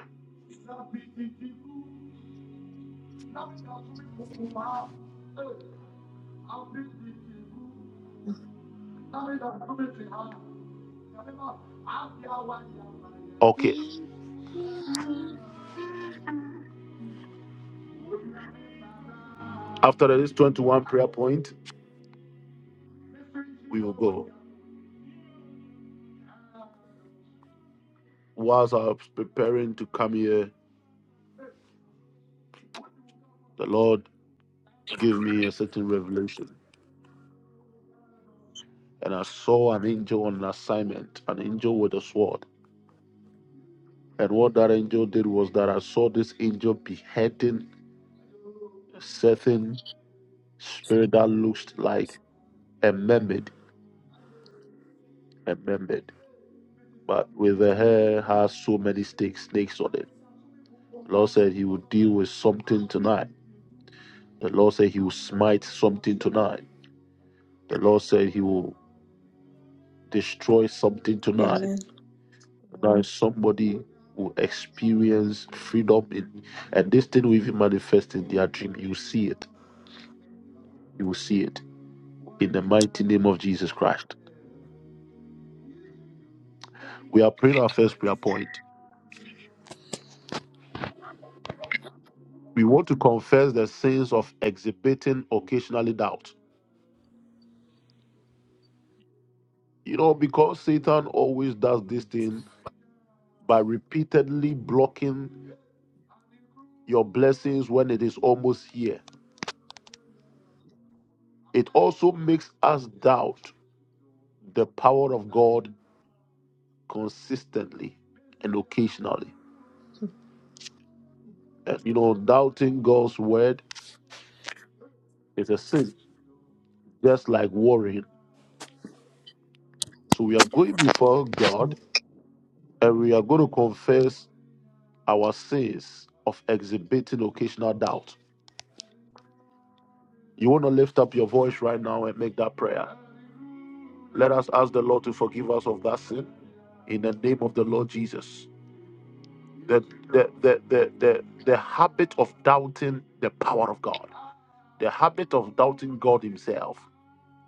Speaker 1: Okay. After this 21 prayer point, we will go. Whilst I'm preparing to come here, The Lord gave me a certain revelation, and I saw an angel on assignment, an angel with a sword. And what that angel did was that I saw this angel beheading a certain spirit that looked like a mermaid, a mermaid, but with the hair has so many snakes, snakes on it. The Lord said He would deal with something tonight. The Lord said He will smite something tonight. The Lord said He will destroy something tonight.
Speaker 3: Amen.
Speaker 1: Now somebody will experience freedom in and this thing will even manifest in their dream. You see it. You will see it. In the mighty name of Jesus Christ. We are praying our first prayer point. We want to confess the sins of exhibiting occasionally doubt. You know, because Satan always does this thing by repeatedly blocking your blessings when it is almost here. It also makes us doubt the power of God consistently and occasionally. You know, doubting God's word is a sin, just like worrying. So we are going before God and we are going to confess our sins of exhibiting occasional doubt. You want to lift up your voice right now and make that prayer. Let us ask the Lord to forgive us of that sin in the name of the Lord Jesus. The, the, the, the, the, the habit of doubting the power of God, the habit of doubting God Himself,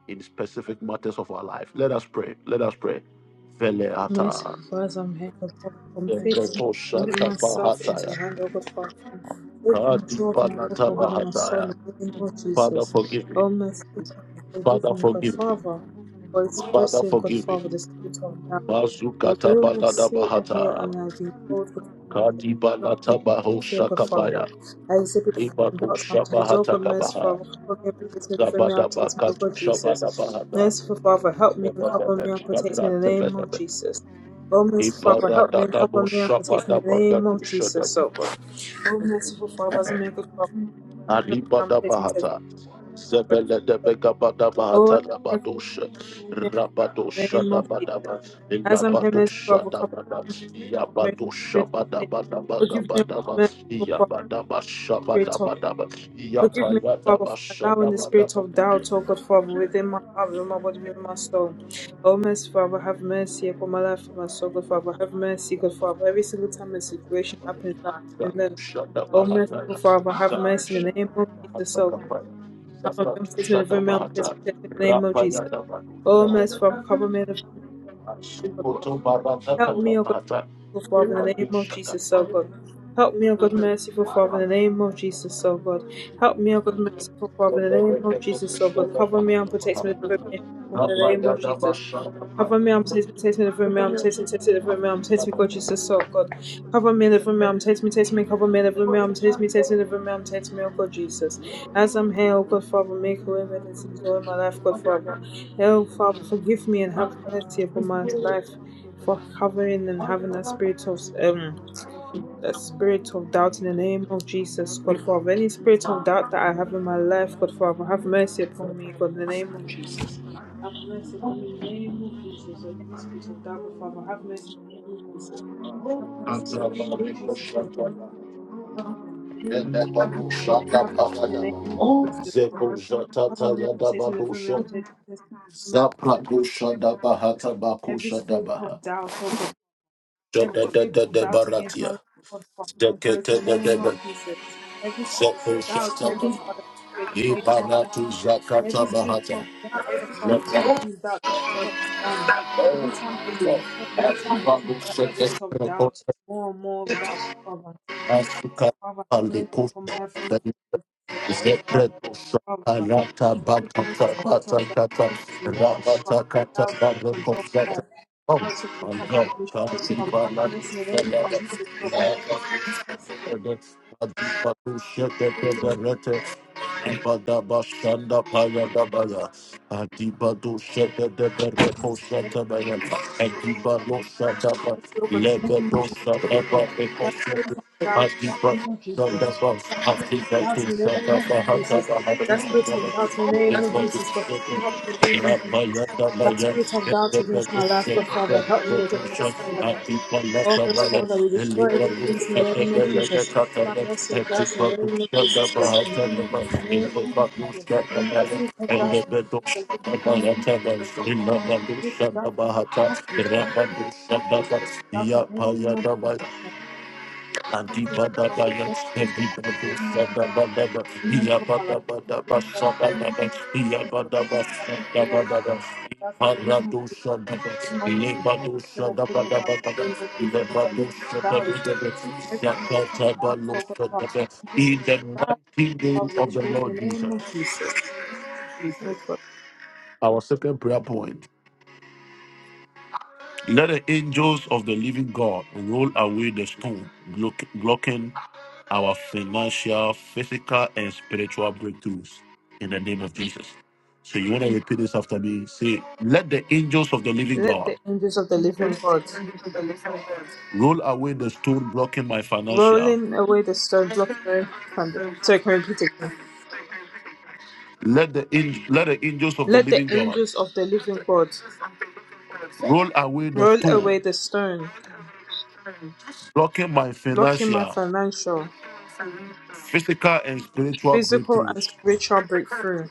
Speaker 1: in specific matters of our life. Let us pray. Let us pray. Veleata,
Speaker 3: Merciful Father, I'm here, O God. From faith, commit
Speaker 1: Vebretoshata,
Speaker 3: myself into your hand, O God, Father. Take
Speaker 1: Fakati,
Speaker 3: control of my life, my body,
Speaker 1: Panataba.
Speaker 3: my soul, in the name of
Speaker 1: Father,
Speaker 3: Jesus.
Speaker 1: forgive me.
Speaker 3: Oh, my Father, forgive
Speaker 1: Father,
Speaker 3: me,
Speaker 1: for
Speaker 3: God Father, for
Speaker 1: Father,
Speaker 3: expressing,
Speaker 1: for
Speaker 3: God Father, the spirit of doubt. Or
Speaker 1: Bazukata
Speaker 3: do I see and
Speaker 1: Bahata,
Speaker 3: and I be bold with everything,
Speaker 1: Kati
Speaker 3: not to
Speaker 1: Balata Baho
Speaker 3: fear, but
Speaker 1: Shakapa,
Speaker 3: Father. I exhibit and doubt sometimes, oh
Speaker 1: Shabahata,
Speaker 3: God, mercy, Father, cover me and protect me, defend me and protect me, oh
Speaker 1: Zabakatu
Speaker 3: God, Jesus.
Speaker 1: Shabada,
Speaker 3: Merciful Father, help me and cover me and protect me in the name of Jesus. Oh, merciful Father,
Speaker 1: Iparada,
Speaker 3: help me and cover me and protect me in the name of Jesus, oh God. Oh, merciful Father, as a man, good Father, cover me
Speaker 1: Alibada
Speaker 3: and protect me, protect
Speaker 1: Bahata,
Speaker 3: me,
Speaker 1: Zebele
Speaker 3: oh
Speaker 1: de
Speaker 3: God.
Speaker 1: Begabada
Speaker 3: Oh,
Speaker 1: Bahata,
Speaker 3: as a man, cover
Speaker 1: Rabadosha,
Speaker 3: me and protect me in the
Speaker 1: Rabadosha,
Speaker 3: name of Jesus. As I'm
Speaker 1: Ilaba.
Speaker 3: here, merciful Father, cover me mercy,
Speaker 1: Yabado
Speaker 3: spirit of
Speaker 1: Shabada
Speaker 3: sin.
Speaker 1: Bada
Speaker 3: Forgive me, O
Speaker 1: Bagabad
Speaker 3: merciful Father, spirit of
Speaker 1: Ashabadaba,
Speaker 3: forgive me,
Speaker 1: Yapayadaba,
Speaker 3: O Father, for allowing the spirit of doubt, O God, Father, within my heart, within my body, within my soul. O mercy, Father, have mercy upon my life, upon my soul, God, Father, have mercy, God, Father. Every single time a situation happens, I'm in there. O
Speaker 1: Shabahadaba,
Speaker 3: merciful Father, have mercy in the name of Jesus, O God. Have
Speaker 1: Zakat,
Speaker 3: mercy, me, deliver me, I'm me, in the name of
Speaker 1: Rapa,
Speaker 3: Jesus. O merciful Father, cover me, deliver me,
Speaker 1: Shikoto
Speaker 3: Help
Speaker 1: Baradakata,
Speaker 3: me, O God, merciful Father, in the name of Jesus, O God. Help me, O God, merciful Father, in the name of Jesus, O God. Help me, O God, merciful Father, in the name of Jesus, O God. Cover me and protect me from the evil, in the name
Speaker 1: Rapayadaba,
Speaker 3: of Jesus. Cover me, I'm tasting, taste me, deliver me, I'm tasting, taste me, deliver me, I'm tasting, God, Jesus, so God. Cover me, deliver me, I'm tasting, taste me, cover me, deliver me, I'm tasting, taste me, deliver me, I'm tasting, me, oh God, Jesus. As I'm here, oh God, Father, make a way where there's some joy in my life, God, Father. Hell, Father, forgive me and have mercy upon my life for having and having a spirit of um a spirit of doubt in the name of Jesus, God Father. Any spirit of doubt that I have in my life, God Father, have mercy upon me, God, in the name of Jesus. Have mercy upon me in the name of Jesus. Any spirit of doubt, God Father, have mercy in the name of Jesus. Have mercy in the name of
Speaker 1: Kantrababiko
Speaker 3: Jesus, oh God.
Speaker 1: Shataba,
Speaker 3: Have mercy in the name of Jesus.
Speaker 1: Enebabu
Speaker 3: have mercy in the
Speaker 1: Shatabaradaba,
Speaker 3: name of Jesus, oh
Speaker 1: Zeko
Speaker 3: God.
Speaker 1: Shatata
Speaker 3: Have mercy in the name
Speaker 1: Yadababusha,
Speaker 3: of Jesus. Have mercy in the name
Speaker 1: Zaprakusha
Speaker 3: of Jesus.
Speaker 1: Dabahata
Speaker 3: Every
Speaker 1: Bakusha
Speaker 3: spirit of doubt, oh God. Every spirit of doubt against
Speaker 1: Dabaratia.
Speaker 3: my life, God Father, we praise
Speaker 1: Zekete
Speaker 3: in the
Speaker 1: de
Speaker 3: name
Speaker 1: debe,
Speaker 3: of Jesus. Every spirit of doubt,
Speaker 1: zekete,
Speaker 3: oh God Father, we praise in the name of Jesus.
Speaker 1: ibaratu zakata
Speaker 3: Every spirit of doubt, God Father,
Speaker 1: baha,
Speaker 3: that makes me doubt I'm not done. Every time there's
Speaker 1: Oh,
Speaker 3: disappointment, that puts me in that spirit of doubt, more and more of doubt, Father. Yes, Father, have mercy upon my life for my Lord Jesus. Father. Please put down the spirit of darkness in me, but Father, allow it to control my life. Allow it to control my mission. Father, have mercy in the name of Jesus,
Speaker 1: my
Speaker 3: oh God.
Speaker 1: God.
Speaker 3: Have mercy in the name
Speaker 1: Ibadabashanda Payadabaya, Adibado Shede de
Speaker 3: of
Speaker 1: Bereko
Speaker 3: Jesus, in the name of
Speaker 1: Shantabaya,
Speaker 3: Jesus, oh God.
Speaker 1: Adibado Shataba,
Speaker 3: Have mercy, oh God, in
Speaker 1: Leba
Speaker 3: the name of Jesus, oh God.
Speaker 1: Eba Eko
Speaker 3: That spirit
Speaker 1: Shete,
Speaker 3: of doubt in the
Speaker 1: Adibado
Speaker 3: name of Jesus.
Speaker 1: Shandaba,
Speaker 3: Doubt
Speaker 1: Adibado
Speaker 3: in the name of Jesus. That spirit
Speaker 1: Shataba,
Speaker 3: of doubt in the name of Jesus, but Father, help me in the name of
Speaker 1: Adibado
Speaker 3: Jesus. My
Speaker 1: Rabadabaya,
Speaker 3: spirit of doubt against my life, but Father, help me with mercy, Father. Oh, first
Speaker 1: Adibado
Speaker 3: Father, we destroy every place in the name of Jesus. Father, have mercy on us in the name of Jesus, God. Defeat In the
Speaker 1: Sabaya,
Speaker 3: name of Jesus. As we take
Speaker 1: and
Speaker 3: that
Speaker 1: the Bedos
Speaker 3: Father, we keep the name of
Speaker 1: Bahatavas,
Speaker 3: Jesus.
Speaker 1: in
Speaker 3: We keep
Speaker 1: Nabadusha
Speaker 3: that in the name
Speaker 1: Bahata,
Speaker 3: of Jesus.
Speaker 1: Rabadusha Babas,
Speaker 3: That's in the name of
Speaker 1: Yapaya,
Speaker 3: Jesus. God. Promise is
Speaker 1: Antibada
Speaker 3: power with the
Speaker 1: Bayats,
Speaker 3: best
Speaker 1: and the
Speaker 3: of the name of
Speaker 1: Bedusha
Speaker 3: Jesus. Promise for
Speaker 1: Babadaba,
Speaker 3: our promise is that
Speaker 1: Yapabasa
Speaker 3: the name of
Speaker 1: Babas,
Speaker 3: Jesus.
Speaker 1: Yabadabasa
Speaker 3: Promise for our
Speaker 1: Babadabas.
Speaker 3: that's in the name of Jesus.
Speaker 1: Paradusha Babas,
Speaker 3: Promise for our
Speaker 1: Lebadusha
Speaker 3: benefit of that the
Speaker 1: Babadabas,
Speaker 3: name of Jesus. Spirit of
Speaker 1: Lebadusha
Speaker 3: doubt.
Speaker 1: Babadabas,
Speaker 3: Every spirit of
Speaker 1: Yakata
Speaker 3: doubt, oh God, Father. Every
Speaker 1: In
Speaker 3: spirit of
Speaker 1: the
Speaker 3: doubt,
Speaker 1: mighty name
Speaker 3: Father, we
Speaker 1: of the
Speaker 3: destroy it in
Speaker 1: Lord,
Speaker 3: the name of Jesus. Oh God.
Speaker 1: our second prayer point. Let the angels of the living God roll away the stone, block- blocking our financial, physical, and spiritual breakthroughs in the name of Jesus. So you want to repeat this after me? Say, let the angels of the living
Speaker 3: Let
Speaker 1: God
Speaker 3: the angels of the living God
Speaker 1: roll away the stone blocking my financial.
Speaker 3: rolling away the stone blocking our impact from the- Sorry, can I repeat again?
Speaker 1: Let the ang- let the angels of the
Speaker 3: Let the
Speaker 1: living
Speaker 3: angels of the living God
Speaker 1: God roll away the
Speaker 3: roll
Speaker 1: stones
Speaker 3: away the stone
Speaker 1: blocking my
Speaker 3: blocking my
Speaker 1: financial,
Speaker 3: financial,
Speaker 1: physical, and spiritual breakthroughs.
Speaker 3: physical, and spiritual breakthrough.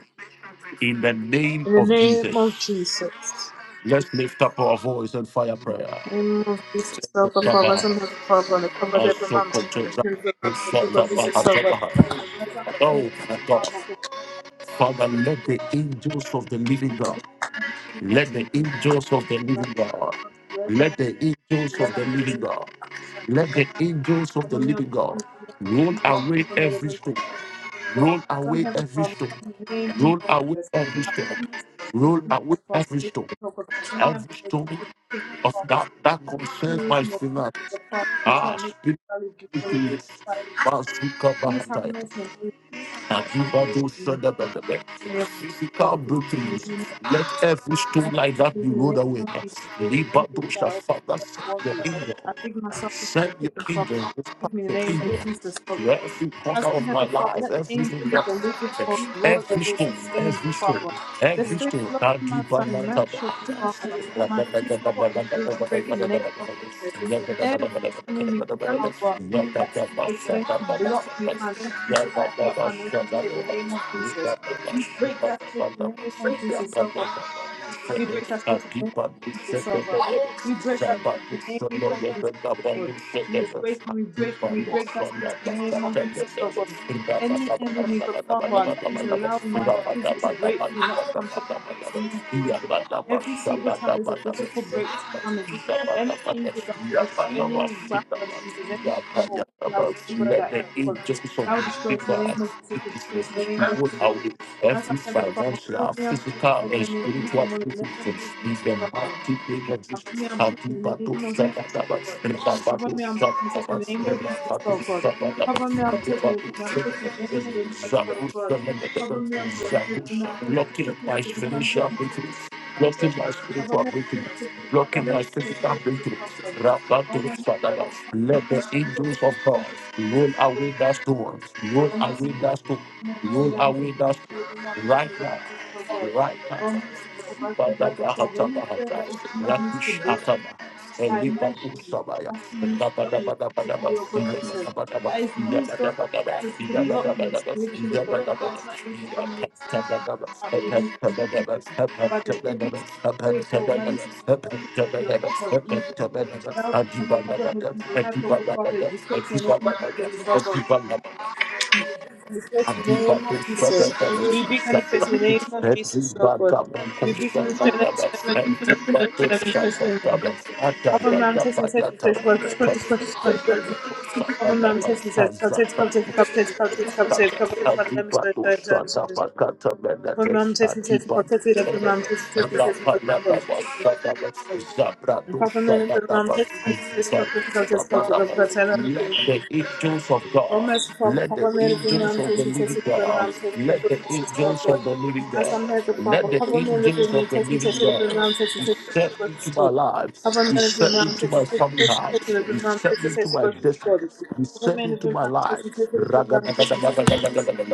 Speaker 1: In the name
Speaker 3: In the
Speaker 1: of Jesus,
Speaker 3: name of Jesus.
Speaker 1: let's lift up our voice and fire prayer.
Speaker 3: Remove this is so good
Speaker 1: Father,
Speaker 3: for us and have a problem. It covered every mom. So you can remove the people.
Speaker 1: Father,
Speaker 3: This is so good. That's a nice
Speaker 1: Oh my God.
Speaker 3: problem, but you
Speaker 1: Father, let the angels of the living
Speaker 3: want to
Speaker 1: God,
Speaker 3: be- you want to
Speaker 1: let the angels of the
Speaker 3: like,
Speaker 1: living God, let the angels of
Speaker 3: like,
Speaker 1: the living God, let the angels of the living God roll away
Speaker 3: cover me
Speaker 1: every,
Speaker 3: up.
Speaker 1: roll
Speaker 3: Some
Speaker 1: away
Speaker 3: have a
Speaker 1: every,
Speaker 3: problem in name of
Speaker 1: roll away
Speaker 3: Jesus.
Speaker 1: every stone,
Speaker 3: Algunos
Speaker 1: roll
Speaker 3: tienen
Speaker 1: away
Speaker 3: por favor,
Speaker 1: every stone
Speaker 3: por favor, mía,
Speaker 1: every
Speaker 3: because
Speaker 1: story
Speaker 3: you the
Speaker 1: of
Speaker 3: problem.
Speaker 1: that that
Speaker 3: That
Speaker 1: concerns
Speaker 3: ignorance
Speaker 1: my
Speaker 3: and the peace
Speaker 1: finances.
Speaker 3: of the problem does
Speaker 1: Ah,
Speaker 3: not make me valid
Speaker 1: speak
Speaker 3: before you.
Speaker 1: to it.
Speaker 3: That problem. Please
Speaker 1: Masuka
Speaker 3: have mercy and mercy for
Speaker 1: Akiba do
Speaker 3: me.
Speaker 1: shada ba da ba.
Speaker 3: May your
Speaker 1: Physical
Speaker 3: poverty in the
Speaker 1: breakthroughs.
Speaker 3: name of Jesus.
Speaker 1: Let every stone
Speaker 3: Life
Speaker 1: like
Speaker 3: doesn't
Speaker 1: that be
Speaker 3: give you any
Speaker 1: rolled away.
Speaker 3: more peace. Every time
Speaker 1: Liba do
Speaker 3: you doubt,
Speaker 1: shada. Your
Speaker 3: worry,
Speaker 1: angel,
Speaker 3: I dig myself into a
Speaker 1: Send your
Speaker 3: pit of rock.
Speaker 1: angel
Speaker 3: give me the
Speaker 1: to
Speaker 3: name of Jesus, oh God.
Speaker 1: every
Speaker 3: As
Speaker 1: corner
Speaker 3: I'm
Speaker 1: of
Speaker 3: here,
Speaker 1: my
Speaker 3: Father, let the angels of
Speaker 1: kingdom.
Speaker 3: the living God roll
Speaker 1: Every,
Speaker 3: away the stones,
Speaker 1: every stone.
Speaker 3: Father. The
Speaker 1: Every
Speaker 3: stone
Speaker 1: stone.
Speaker 3: blocking my financial, Father,
Speaker 1: Now,
Speaker 3: my physical and spiritual breakthrough in the name of Jesus. Every enemy, Father, that's used the stone to block me financially so that I am not financially stable in the name of Jesus. We break that spirit in the name of Jesus, oh God. We break that spirit in the name
Speaker 1: do
Speaker 3: of Jesus, oh God. We break
Speaker 1: it.
Speaker 3: that spirit in the name of Jesus, oh God. We break, we break, we break that spirit in the name of Jesus, oh God. Any enemy, God, Father, that is allowing my physical breakthrough not to come to pass in the name of Jesus. Every single time there's a physical breakthrough coming, any angel that will destroy, any wrath of angels, any evil that will destroy that angel, God, that will destroy it in the name of Jesus, will destroy it in the name of Jesus. As I
Speaker 1: Every
Speaker 3: never Father, cover
Speaker 1: financial,
Speaker 3: me and protect
Speaker 1: physical,
Speaker 3: me
Speaker 1: and
Speaker 3: from making me
Speaker 1: spiritual
Speaker 3: from all the name of
Speaker 1: is
Speaker 3: Jesus,
Speaker 1: the
Speaker 3: oh God.
Speaker 1: mighty name of
Speaker 3: Cover
Speaker 1: Jesus.
Speaker 3: me and protect me in the
Speaker 1: Antipato,
Speaker 3: name of Jesus, oh
Speaker 1: Sabatabat,
Speaker 3: God. Cover
Speaker 1: Rabato,
Speaker 3: me and protect me protect me in the name of Jesus, oh God.
Speaker 1: Sabato,
Speaker 3: Cover me and protect me from me
Speaker 1: Sabato,
Speaker 3: protect me in the name of Jesus, oh
Speaker 1: Blocking
Speaker 3: God. Cover me and protect me from me protect me protect
Speaker 1: my
Speaker 3: me protect me protect
Speaker 1: financial,
Speaker 3: me protect me, oh God.
Speaker 1: blocking my
Speaker 3: Cover
Speaker 1: spiritual
Speaker 3: me and
Speaker 1: breakthrough,
Speaker 3: protect me from me protect
Speaker 1: blocking my
Speaker 3: me protect
Speaker 1: physical
Speaker 3: me protect me,
Speaker 1: breakthrough.
Speaker 3: oh God.
Speaker 1: Rabbanu
Speaker 3: Oh, merciful Father, cover me
Speaker 1: Let
Speaker 3: and
Speaker 1: the
Speaker 3: protect me protect
Speaker 1: angels
Speaker 3: me
Speaker 1: of God
Speaker 3: protect me,
Speaker 1: roll
Speaker 3: oh God.
Speaker 1: away that stone, roll
Speaker 3: O
Speaker 1: away
Speaker 3: merciful
Speaker 1: that
Speaker 3: Father,
Speaker 1: stone,
Speaker 3: merciful
Speaker 1: roll
Speaker 3: Lamb,
Speaker 1: away
Speaker 3: taking
Speaker 1: that
Speaker 3: to the Lamb,
Speaker 1: stone.
Speaker 3: taking
Speaker 1: Right
Speaker 3: away
Speaker 1: now,
Speaker 3: the so God.
Speaker 1: right now.
Speaker 3: O merciful merciful Heavenly Father, I'm
Speaker 1: Father God,
Speaker 3: perform anything that is being used to
Speaker 1: Rakish
Speaker 3: block
Speaker 1: Atama, Elibabu
Speaker 3: financially,
Speaker 1: Sabaya,
Speaker 3: has been used to block me
Speaker 1: Dabadabadaba,
Speaker 3: physically, oh God Jesus. That is
Speaker 1: Yabba,
Speaker 3: used, oh God Jesus, to
Speaker 1: Yabba,
Speaker 3: block
Speaker 1: Yabba,
Speaker 3: me spiritually,
Speaker 1: Yabba,
Speaker 3: God Father. Let not
Speaker 1: Angels
Speaker 3: anything
Speaker 1: of
Speaker 3: next
Speaker 1: God,
Speaker 3: out
Speaker 1: let the
Speaker 3: manifest
Speaker 1: angels
Speaker 3: physically, but then every spirit that will manifest itself physically of good of evil. That will become a problem into my life, oh God Father, with the stress and any more pieces, oh God. We pray in the name of Jesus. We pray in the name of Jesus. So good. We pray in the name of Jesus. So good. O merciful Father, Mary, the man taking test of the man taking over Jesus, our
Speaker 1: of
Speaker 3: God. As
Speaker 1: God,
Speaker 3: I'm here, good Father, cover me, live with me, take me, take me, the
Speaker 1: God,
Speaker 3: man taking test of God, Jesus,
Speaker 1: into my
Speaker 3: God. Cover me,
Speaker 1: life.
Speaker 3: live with man taking
Speaker 1: and
Speaker 3: test of the man taking test of God, Jesus, God. Cover me, live with man taking test of the man taking test of God, Jesus, God.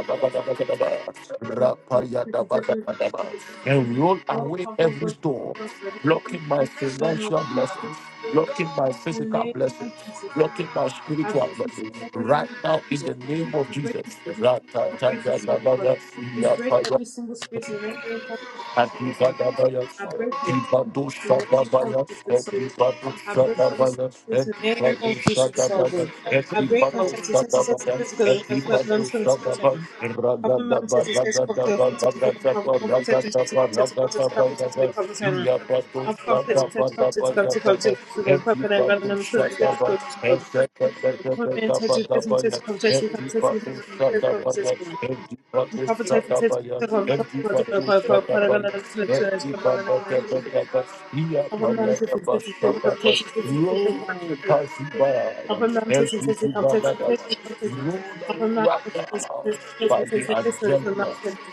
Speaker 3: Cover me, live with man taking test of the man taking test of God. is God.
Speaker 1: roll
Speaker 3: Oh,
Speaker 1: away
Speaker 3: cover
Speaker 1: every
Speaker 3: God,
Speaker 1: stone,
Speaker 3: Jesus, our God. Cover me, live with man
Speaker 1: blocking
Speaker 3: the
Speaker 1: my
Speaker 3: man
Speaker 1: financial blessings,
Speaker 3: I
Speaker 1: blocking my physical,
Speaker 3: break
Speaker 1: blessings,
Speaker 3: this in the name of Jesus, oh
Speaker 1: blocking
Speaker 3: God.
Speaker 1: my
Speaker 3: I
Speaker 1: spiritual
Speaker 3: break this
Speaker 1: blessings.
Speaker 3: in the name
Speaker 1: Right
Speaker 3: of
Speaker 1: now, in the
Speaker 3: Jesus.
Speaker 1: name of
Speaker 3: I break
Speaker 1: Jesus.
Speaker 3: this in the
Speaker 1: ra
Speaker 3: name
Speaker 1: ta
Speaker 3: of Jesus, oh God. We break every single spirit in the name of Jesus, oh God. I break every single spirit in the name of Jesus, oh God. I break every single spirit in the name of Jesus, oh God. I break our senses, senses, senses, senses, senses, senses, senses, senses. Cover mum says it says cover to foot to the
Speaker 1: by
Speaker 3: form, cover cover to
Speaker 1: the
Speaker 3: to cover to cover to cover to cover to cover I've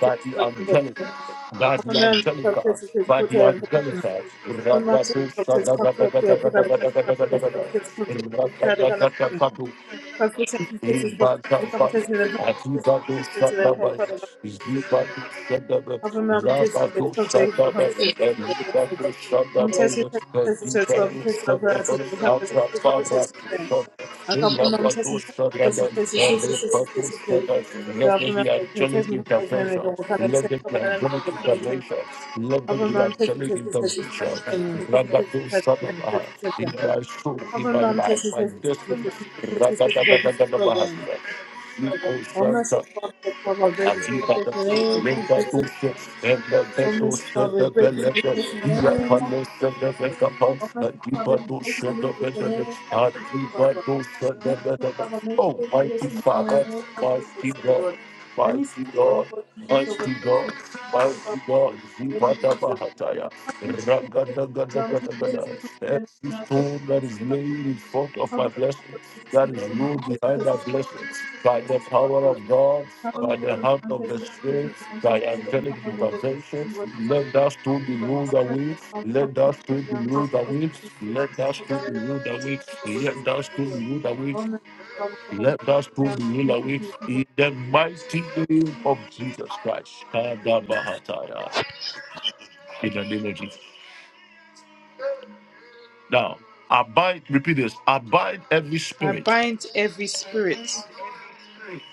Speaker 1: by the angelica, by the angelica,
Speaker 3: I'll put mom
Speaker 1: Ragadusa, Ragadusa, Ragadusa, Ragadusa, Let there be angelic angelic intervention. Let there be a Rasadamaha in my soul, in
Speaker 3: Open
Speaker 1: my
Speaker 3: mom
Speaker 1: life.
Speaker 3: says he says he says he says he
Speaker 1: Rakadamaha,
Speaker 3: says he says what is this program?
Speaker 1: Niko
Speaker 3: Almost
Speaker 1: Santa
Speaker 3: as far as our breaks in the name of Jesus.
Speaker 1: Dusha, and the Beto
Speaker 3: Almost as far
Speaker 1: Santa
Speaker 3: as breaks in the
Speaker 1: Bella,
Speaker 3: name
Speaker 1: Oh,
Speaker 3: of Jesus. Almost as far as breaks in the name of Jesus. Robin. Almost as far as make me hear
Speaker 1: mighty
Speaker 3: this in the
Speaker 1: Father,
Speaker 3: name of Jesus.
Speaker 1: mighty God,
Speaker 3: Lord. Any
Speaker 1: mighty God, mighty
Speaker 3: spirit
Speaker 1: God,
Speaker 3: of God, Jesus, of
Speaker 1: mighty God,
Speaker 3: the name of
Speaker 1: Zibada
Speaker 3: Jesus.
Speaker 1: Bahataya,
Speaker 3: Open mom says he says he says he says he says he says
Speaker 1: Ragadagadagadagada. Every stone
Speaker 3: he says he
Speaker 1: that is laid
Speaker 3: says
Speaker 1: in front of
Speaker 3: Cover
Speaker 1: my
Speaker 3: me,
Speaker 1: blessing
Speaker 3: Lord Jesus,
Speaker 1: that
Speaker 3: under the
Speaker 1: is room
Speaker 3: mountains of
Speaker 1: behind
Speaker 3: his
Speaker 1: that blessing by the power of
Speaker 3: cover.
Speaker 1: God,
Speaker 3: Cover me
Speaker 1: by
Speaker 3: under
Speaker 1: the hand
Speaker 3: mountains of his
Speaker 1: Yes,
Speaker 3: mountains of
Speaker 1: Thy angelic
Speaker 3: cover me under the
Speaker 1: intervention,
Speaker 3: mountains
Speaker 1: let
Speaker 3: of
Speaker 1: us to the rule that stone be rolled
Speaker 3: cover me
Speaker 1: away,
Speaker 3: from cover
Speaker 1: let
Speaker 3: me
Speaker 1: us to
Speaker 3: over
Speaker 1: the rule
Speaker 3: mountains
Speaker 1: that
Speaker 3: because
Speaker 1: stone be rolled away,
Speaker 3: the mountains of
Speaker 1: let us to
Speaker 3: cover me under
Speaker 1: the rule
Speaker 3: the mountains
Speaker 1: that
Speaker 3: of the
Speaker 1: stone
Speaker 3: cover.
Speaker 1: be rolled away,
Speaker 3: me from cover
Speaker 1: let us to the rule that stone be
Speaker 3: the
Speaker 1: rolled away, let us to
Speaker 3: cover me.
Speaker 1: the rule that stone be rolled away, in the mighty name of Jesus Christ. Kadabahataya. In the name of Jesus. Now, abide, repeat this, abide every
Speaker 3: I
Speaker 1: spirit
Speaker 3: bind every spirit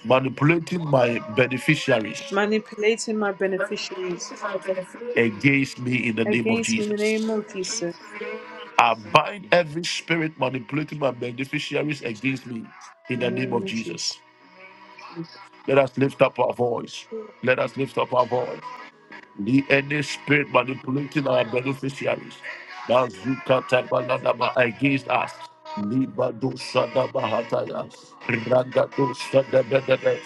Speaker 1: manipulating my beneficiaries
Speaker 3: manipulating my beneficiaries
Speaker 1: against me in the name of Jesus.
Speaker 3: against me in the name of Jesus.
Speaker 1: I bind every spirit manipulating my beneficiaries against me in
Speaker 3: In
Speaker 1: the
Speaker 3: the
Speaker 1: name
Speaker 3: name
Speaker 1: of
Speaker 3: of
Speaker 1: Jesus.
Speaker 3: Jesus.
Speaker 1: Let us lift up our voice. Let us lift up our voice. Ni any spirit manipulating our beneficiaries. Bazuka tabaladaba against us. Libado shadabahataya. Ragado shadabedebe.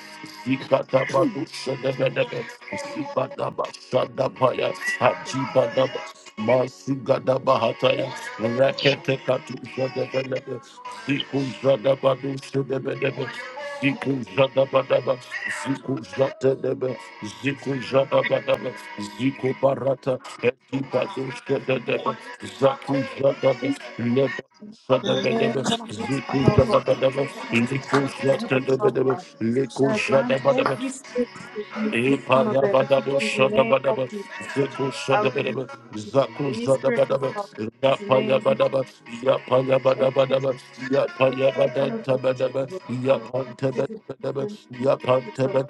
Speaker 1: Zikatabado shadabedebe. Zibadaba shadabaya.
Speaker 3: In
Speaker 1: Hajibadaba. Masugadabahataya. Reketekatu shadabedebe. Ziku shadabado shadabedebe. Ziku shadabadaba. Ziku shadabedebe. Ziku shadabadaba. Zico Barata, Etipazuska de Deba, Zaku Zadaba, Leba
Speaker 4: That's it.
Speaker 3: the name
Speaker 1: Sadabedeba.
Speaker 3: of Jesus, oh God. no good father. I bind every spirit that is manipulating my beneficiaries in the name of Jesus. I will any spirit of father in the name of Jesus. Every spirit of poverty, in the name of Jesus. Lord. Every spirit of poverty, in the name of Jesus. Lord.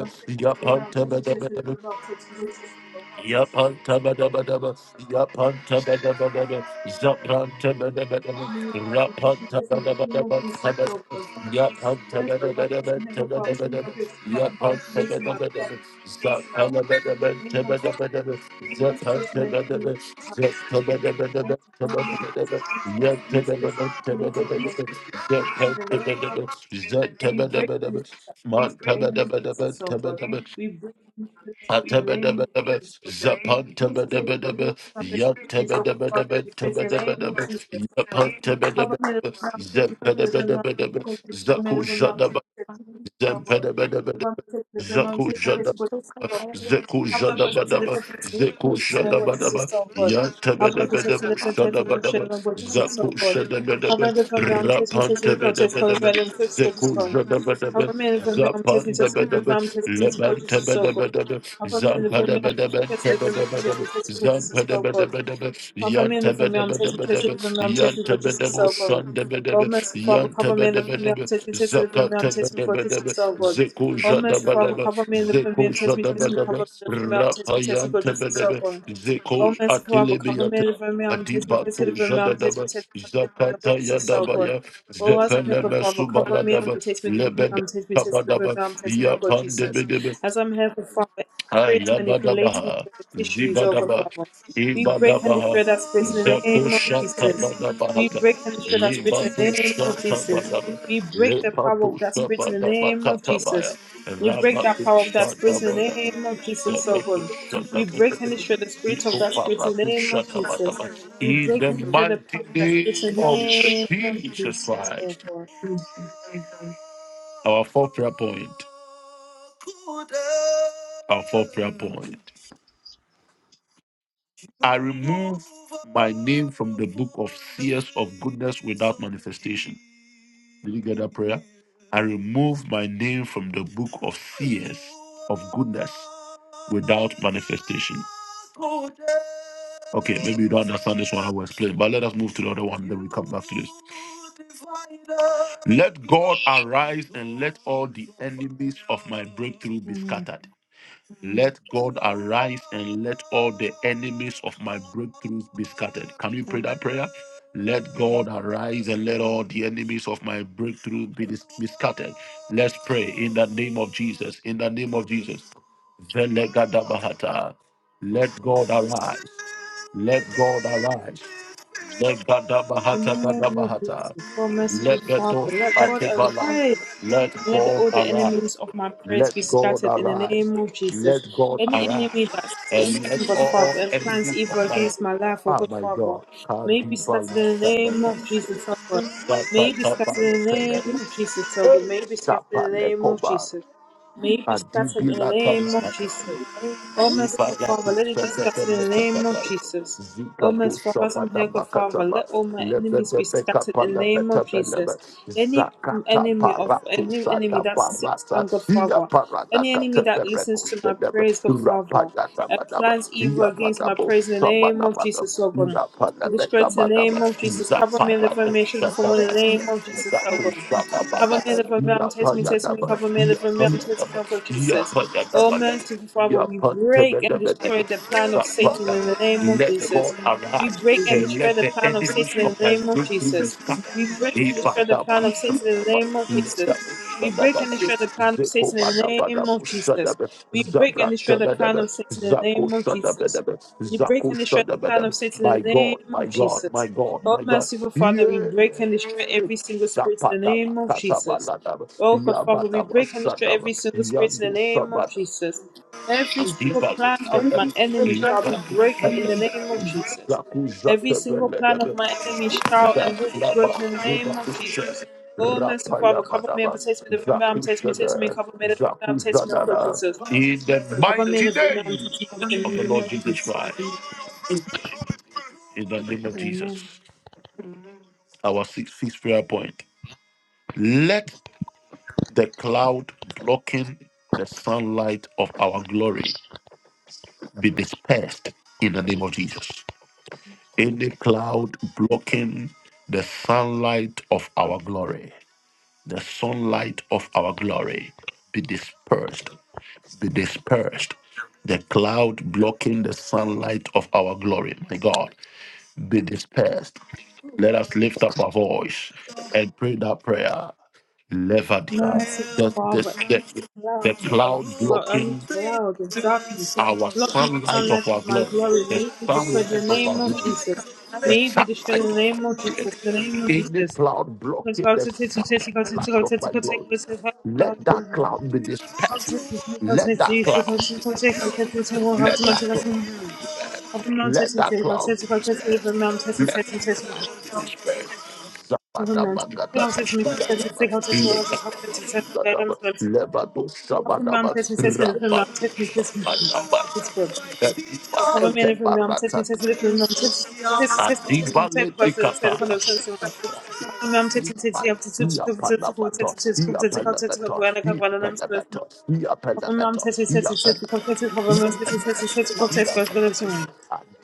Speaker 3: I'm testing the realm, testing, testing the
Speaker 1: Yapan
Speaker 3: realm, testing the realm, testing the realm.
Speaker 1: Yapantabadabadaba, Yapantabadabadaba, Zapantabadabadaba,
Speaker 3: Come in, Testing, testing the name
Speaker 1: Rapantabadabadaba,
Speaker 3: of Jesus. Lord. First of all, that's the
Speaker 1: Yapantabadabadaba,
Speaker 3: name of Father. Any
Speaker 1: Tabadabadaba,
Speaker 3: spirit of poverty manipulating my beneficiaries.
Speaker 1: Yapantabadabadaba,
Speaker 3: Father, in
Speaker 1: Zapantabadabadaba,
Speaker 3: the name of Jesus.
Speaker 1: Tabadabadaba, Zapantabadabadaba,
Speaker 3: Any spirit
Speaker 1: Zapantabadabadaba,
Speaker 3: manipulating my beneficiary, in
Speaker 1: Tabadabadaba,
Speaker 3: the name of Jesus. Any
Speaker 1: Yantabadabadaba,
Speaker 3: spirit manipulating
Speaker 1: Tabadabadaba,
Speaker 3: my beneficiary, in the name of
Speaker 1: Zapantabadabadaba,
Speaker 3: we break
Speaker 1: Zatabadabadaba,
Speaker 3: and destroy that spirit in the name of
Speaker 1: Mantabadabadaba,
Speaker 3: Jesus, oh God.
Speaker 1: Tabadabadaba,
Speaker 3: We break and destroy that spirit in the name of
Speaker 1: Atabadabadaba,
Speaker 3: Jesus, oh God.
Speaker 1: zapanta
Speaker 3: Any spirit
Speaker 1: badabadaba.
Speaker 3: manipulating my
Speaker 1: Yan
Speaker 3: beneficiaries, oh God, Father, we pray in the name of Jesus, oh God. Have a minute of I'm taking take it of I'm taking take it of a minute of
Speaker 1: Koş
Speaker 3: I'm taking take it oh God.
Speaker 4: I
Speaker 3: Have a minute of I'm taking take it of oh God. Have a minute Having witness is so good. Having possessed the intent to pursue the witness is so good. Having the from Mount Test me says he protest for the red and six silver stone. Having man from Mount Test me says the Mount Test me says the witness is so good. Having man from Test me says the Test me is so good. Alpha Manda for male testing tested for male testing for Jesus so good. Oh mercy Father, cover me in the male testing tested for male testing for Jesus so good. Oh mercy Father, cover me in the male testing tested cover me in the male testing tested for Jesus so good. Oh mercy Father, cover me in the male testing tested for male testing tested for
Speaker 1: Zakata
Speaker 3: Jesus so good.
Speaker 1: Yadabaya
Speaker 3: Oh, as
Speaker 1: Zepe
Speaker 3: I'm here, Father, cover me and protect me, deliver
Speaker 1: Lebe
Speaker 3: the and take me, test me, deliver me, and Jesus.
Speaker 1: Yapan
Speaker 3: As I'm here, good Father,
Speaker 1: Ay,
Speaker 3: spirit
Speaker 1: ya ba,
Speaker 3: manipulating my
Speaker 1: zi
Speaker 3: beneficiaries,
Speaker 1: ba
Speaker 3: O
Speaker 1: da,
Speaker 3: God Father.
Speaker 1: i
Speaker 3: We
Speaker 1: ba da
Speaker 3: break
Speaker 1: ba,
Speaker 3: and destroy that spirit in the name of
Speaker 1: ta ba
Speaker 3: Jesus.
Speaker 1: da ba ha
Speaker 3: We
Speaker 1: ta,
Speaker 3: break and destroy that
Speaker 1: le
Speaker 3: spirit in the
Speaker 1: ba
Speaker 3: name
Speaker 1: sha,
Speaker 3: of Jesus. We
Speaker 1: le
Speaker 3: break the power of that spirit in the name of Jesus. We
Speaker 1: ra
Speaker 3: break
Speaker 1: ba da ba
Speaker 3: that power of that spirit in the name of Jesus, oh God. We
Speaker 1: da.
Speaker 3: break and destroy the spirit of that spirit in the name of Jesus. We
Speaker 1: In
Speaker 3: break
Speaker 1: the
Speaker 3: and destroy the power
Speaker 1: mighty
Speaker 3: of that spirit
Speaker 1: name
Speaker 3: in the
Speaker 1: of
Speaker 3: name of Jesus, oh
Speaker 1: Christ,
Speaker 3: God.
Speaker 1: our fourth prayer point, our fourth prayer point. I remove my name from the book of seers of goodness without manifestation. Did you get that prayer? I remove my name from the book of seers of goodness without manifestation. Okay, maybe you don't understand this one I will explain, but let us move to the other one, then we come back to this. Let God arise and let all the enemies of my breakthrough be
Speaker 3: Mm.
Speaker 1: scattered. Let God arise and let all the enemies of my breakthroughs be scattered. Can we pray that prayer? Let God arise and let all the enemies of my breakthrough be, dis- be scattered. Let's pray in the name of Jesus. In the name of Jesus. Velegadabahata. Let God arise. Let God arise. Let God
Speaker 3: In
Speaker 1: bahata
Speaker 3: the
Speaker 1: kada
Speaker 3: name of Jesus, oh merciful Father,
Speaker 1: dos.
Speaker 3: let God arise
Speaker 1: Let
Speaker 3: And let
Speaker 1: God
Speaker 3: all the enemies of my prayers
Speaker 1: let
Speaker 3: be
Speaker 1: God
Speaker 3: scattered in
Speaker 1: arise.
Speaker 3: the name of Jesus.
Speaker 1: Let God
Speaker 3: Any
Speaker 1: arise
Speaker 3: enemy that
Speaker 1: and
Speaker 3: sits
Speaker 1: let
Speaker 3: down, God
Speaker 1: all
Speaker 3: Father, and plans evil against my life, oh God Father, may it be
Speaker 1: kadiba
Speaker 3: scattered in the name of Jesus, oh God. May it be
Speaker 1: kata
Speaker 3: scattered in the name of Jesus, oh God. May it be scattered in the name of Jesus. May it be scattered in the name of Jesus. O
Speaker 1: kadiba
Speaker 3: merciful Father, let it be scattered in the name of Jesus. O
Speaker 1: kados
Speaker 3: merciful Father, and good Father, let all my enemies be scattered in the name of Jesus. Any
Speaker 1: zakata
Speaker 3: enemy of any enemy that sits
Speaker 1: kata
Speaker 3: down, God Father,
Speaker 1: iyada
Speaker 3: any
Speaker 1: kata
Speaker 3: enemy that listens to my prayers, God Father, and
Speaker 1: bada bada
Speaker 3: plans evil against my prayers in the name of Jesus, Lord God. We destroy
Speaker 1: bada
Speaker 3: it in the name of Jesus. Cover me in the formation before me in the name of Jesus, Lord
Speaker 1: zatu
Speaker 3: God.
Speaker 1: shaba
Speaker 3: Cover me,
Speaker 1: bada
Speaker 3: deliver me, I'm test me, test me, cover me, deliver me, I'm test me, Uncle
Speaker 1: iya
Speaker 3: Jesus.
Speaker 1: bada
Speaker 3: Oh,
Speaker 1: bada
Speaker 3: merciful Father,
Speaker 1: iya
Speaker 3: we
Speaker 1: bada
Speaker 3: break and destroy the plan of Satan in the name of Jesus. We break and destroy the plan of Satan in the name of Jesus. We break and destroy the plan of Satan in the name of Jesus. We break and destroy the plan of Satan in the name of Jesus. We break
Speaker 1: Zabra,
Speaker 3: and destroy the plan of Satan in the
Speaker 1: Zaku,
Speaker 3: name of Jesus. We break
Speaker 1: Zaku,
Speaker 3: and destroy the plan of Satan in
Speaker 1: my God,
Speaker 3: the name
Speaker 1: my
Speaker 3: of
Speaker 1: God, my
Speaker 3: Jesus.
Speaker 1: God,
Speaker 3: Oh,
Speaker 1: my God.
Speaker 3: merciful Father,
Speaker 1: Yeah.
Speaker 3: we break and destroy every single spirit in the name of Jesus. Oh, God,
Speaker 1: Yam
Speaker 3: Father, we break and destroy every single spirit in the name of Jesus. Every single plan
Speaker 1: in
Speaker 3: of my enemy shall be broken in the name of Jesus. Every single plan of my enemy shall and will be broken in the name of Jesus. Oh, merciful Father, cover me and protect me, deliver me, arm, test me, test me, cover me, deliver me, arm, test me, oh God, Jesus.
Speaker 1: the
Speaker 3: Cover me,
Speaker 1: mighty name
Speaker 3: deliver me, arm, test me, in
Speaker 1: of the
Speaker 3: the
Speaker 1: Lord
Speaker 3: name of Jesus.
Speaker 1: Christ, in the name of Jesus,
Speaker 3: Amen.
Speaker 1: our sixth sixth prayer point. Let the cloud blocking the sunlight of our glory be dispersed in the name of Jesus. Any cloud blocking the sunlight of our glory, the sunlight of our glory be dispersed be dispersed. The cloud blocking the sunlight of our glory, my God, be dispersed. Let us lift up our voice and pray that prayer. Levadia.
Speaker 3: Merciful Father,
Speaker 1: This
Speaker 3: cloud
Speaker 1: the
Speaker 3: of,
Speaker 1: cloud
Speaker 3: only
Speaker 1: blocking
Speaker 3: cloud of darkness
Speaker 1: our
Speaker 3: blocking the
Speaker 1: sunlight.
Speaker 3: sunlight of my glory. May it be destroyed. The name of Jesus.
Speaker 1: The
Speaker 3: May it be
Speaker 1: sun-
Speaker 3: destroyed. The name of Jesus. The name of
Speaker 1: cloud blocking the be dispersed. Let that let
Speaker 3: Jesus.
Speaker 1: disperse.
Speaker 3: Government. Government says
Speaker 1: Zabadabagadash.
Speaker 3: me, says me, says me, says me, says me, says me, says me.
Speaker 1: Levado
Speaker 3: Government
Speaker 1: Sabadabas.
Speaker 3: says me, says me, government says me, says me. It's good. Government government says me, says me, government says me, says me, says me, says
Speaker 1: Adibalit.
Speaker 3: me, says me, says me, says me. Government says me, says me, says me, says me, says me, says me, says me, says me, says me, says me.
Speaker 1: Sia Pelabet,
Speaker 3: Government says me, says me, says me, says me, government says me, says me, says me, says me, says me. Government says me, says me, says me, says me, says me, says me, says me, says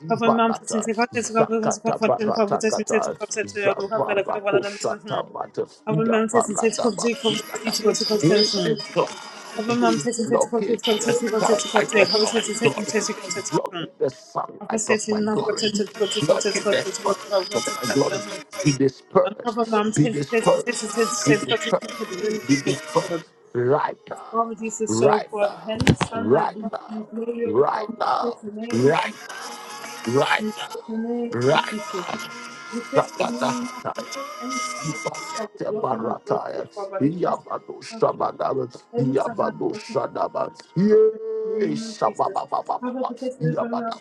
Speaker 1: Dibala,
Speaker 3: says me. Over
Speaker 1: Sia,
Speaker 3: mountains and take of deep cover each of the person. Over mountains and take of deep cover to see what it's called take. Over set in setting take of set
Speaker 1: block
Speaker 3: of
Speaker 1: the
Speaker 3: Over
Speaker 1: sunlight of
Speaker 3: setting not got to go to go to go to go to go to
Speaker 1: my
Speaker 3: go
Speaker 1: glory.
Speaker 3: to
Speaker 1: Be
Speaker 3: and
Speaker 1: dispersed,
Speaker 3: cover mountains and take of
Speaker 1: dispersed,
Speaker 3: set of set of set of set of
Speaker 1: dispersed
Speaker 3: set
Speaker 1: right now,
Speaker 3: Father Jesus, so
Speaker 1: right,
Speaker 3: God, Holy Son, I give you glory, O God, for
Speaker 1: right
Speaker 3: we praise
Speaker 1: now,
Speaker 3: the name of
Speaker 1: right,
Speaker 3: Jesus.
Speaker 1: right
Speaker 3: We
Speaker 1: now,
Speaker 3: praise the name of
Speaker 1: right.
Speaker 3: Jesus. We praise the
Speaker 1: Zapata,
Speaker 3: name of Jesus. Holy Son,
Speaker 1: Dibala,
Speaker 3: I give you glory, O
Speaker 1: Tebara,
Speaker 3: God, for we worship and glory, O God, Father, we praise
Speaker 1: Yabo,
Speaker 3: the name of Jesus.
Speaker 1: Shabadaba,
Speaker 3: Every time I
Speaker 1: Yabado,
Speaker 3: work in
Speaker 1: Shadaba,
Speaker 3: the name
Speaker 1: yes.
Speaker 3: of Jesus, have a protection
Speaker 1: Yabba,
Speaker 3: over my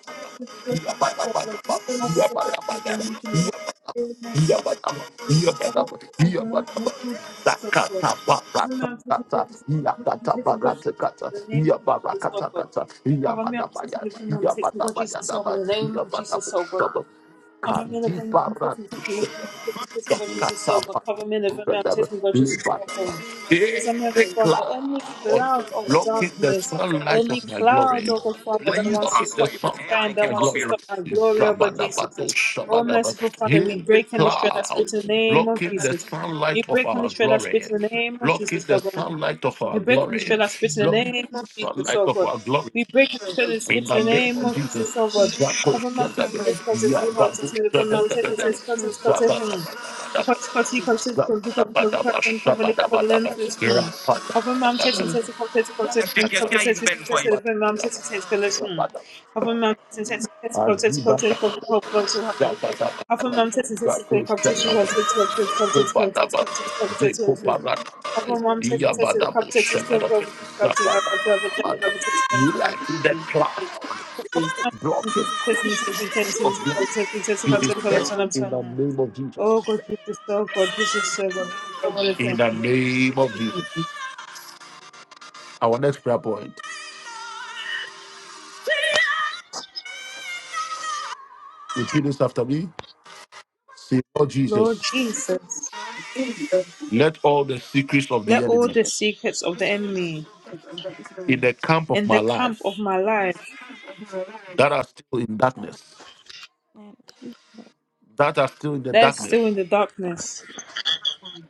Speaker 1: yabba, yabba,
Speaker 3: problem.
Speaker 1: yabba,
Speaker 3: Have a
Speaker 1: yabba,
Speaker 3: protection over
Speaker 1: yabba,
Speaker 3: me, children, from the name of
Speaker 1: yabba, yabba, yabba,
Speaker 3: have a
Speaker 1: yabba,
Speaker 3: protection
Speaker 1: yabba,
Speaker 3: from the name of Jesus,
Speaker 1: Light
Speaker 3: oh God. Cover me, I'm taking Jesus, I'm taking God, the name of Jesus, oh God. Cover me, I'm taking the name of Jesus, oh God, in the name of Jesus, oh God. Cover me and bring me on taking God Jesus is so good. Cover me and bring me on taking God Jesus is so good. As I'm here, good Father, any cloud of darkness, any
Speaker 1: of
Speaker 3: cloud
Speaker 1: glory.
Speaker 3: of God Father that
Speaker 1: When you
Speaker 3: wants to stop my shine, that wants to stop my glory, oh God Jesus.
Speaker 1: go
Speaker 3: Oh
Speaker 1: Shabadaba,
Speaker 3: merciful Father, we break and destroy that spirit in the name of Jesus. We
Speaker 1: of
Speaker 3: break
Speaker 1: our,
Speaker 3: and destroy that spirit in the name of Jesus, oh God.
Speaker 1: of
Speaker 3: We
Speaker 1: our
Speaker 3: break and
Speaker 1: glory,
Speaker 3: destroy that spirit in the name of Jesus,
Speaker 1: sunlight
Speaker 3: oh
Speaker 1: of
Speaker 3: God. We break and destroy the
Speaker 1: in
Speaker 3: spirit
Speaker 1: the
Speaker 3: in the
Speaker 1: name
Speaker 3: name of Jesus, oh God. Cover my Jesus, this contest, we help us with the
Speaker 1: Shabbat,
Speaker 3: mountain, this is contest, contest, hmm.
Speaker 1: Shabbat,
Speaker 3: Because, because, because, because, because, because, because, and cover the cover the lens this hmm.
Speaker 1: Rapada,
Speaker 3: Cover mom test and test contest, contest, and cover test, we contest, and the mom test, test, collection. Cover mom test and test, contest, contest, cover, cover, cover, cover, hmm. Often mom says and says to play competition, competition, competition, competition, competition, competition, competition. Hmm. Often mom says and says to competition, competition, competition, competition, competition, competition, competition.
Speaker 1: Let that
Speaker 3: Hmm.
Speaker 1: cloud
Speaker 3: Often mom says
Speaker 1: block
Speaker 3: and says and
Speaker 1: it
Speaker 3: says and says and
Speaker 1: of
Speaker 3: says competition,
Speaker 1: death
Speaker 3: competition, competition, competition, competition.
Speaker 1: in
Speaker 3: Hmm.
Speaker 1: the name of
Speaker 3: Oh
Speaker 1: Jesus.
Speaker 3: God, Jesus, oh God, Jesus, so God. Oh, what a thing.
Speaker 1: In the name of Jesus. Our next prayer point. Repeat this after me. Say, Lord
Speaker 3: Lord
Speaker 1: Jesus,
Speaker 3: Jesus,
Speaker 1: let all the secrets of
Speaker 3: let
Speaker 1: the
Speaker 3: all
Speaker 1: enemy
Speaker 3: the secrets of the enemy
Speaker 1: in the camp of
Speaker 3: in the
Speaker 1: my life
Speaker 3: camp of my life
Speaker 1: that are still in darkness, that are still in the
Speaker 3: that is
Speaker 1: darkness,
Speaker 3: still in the darkness,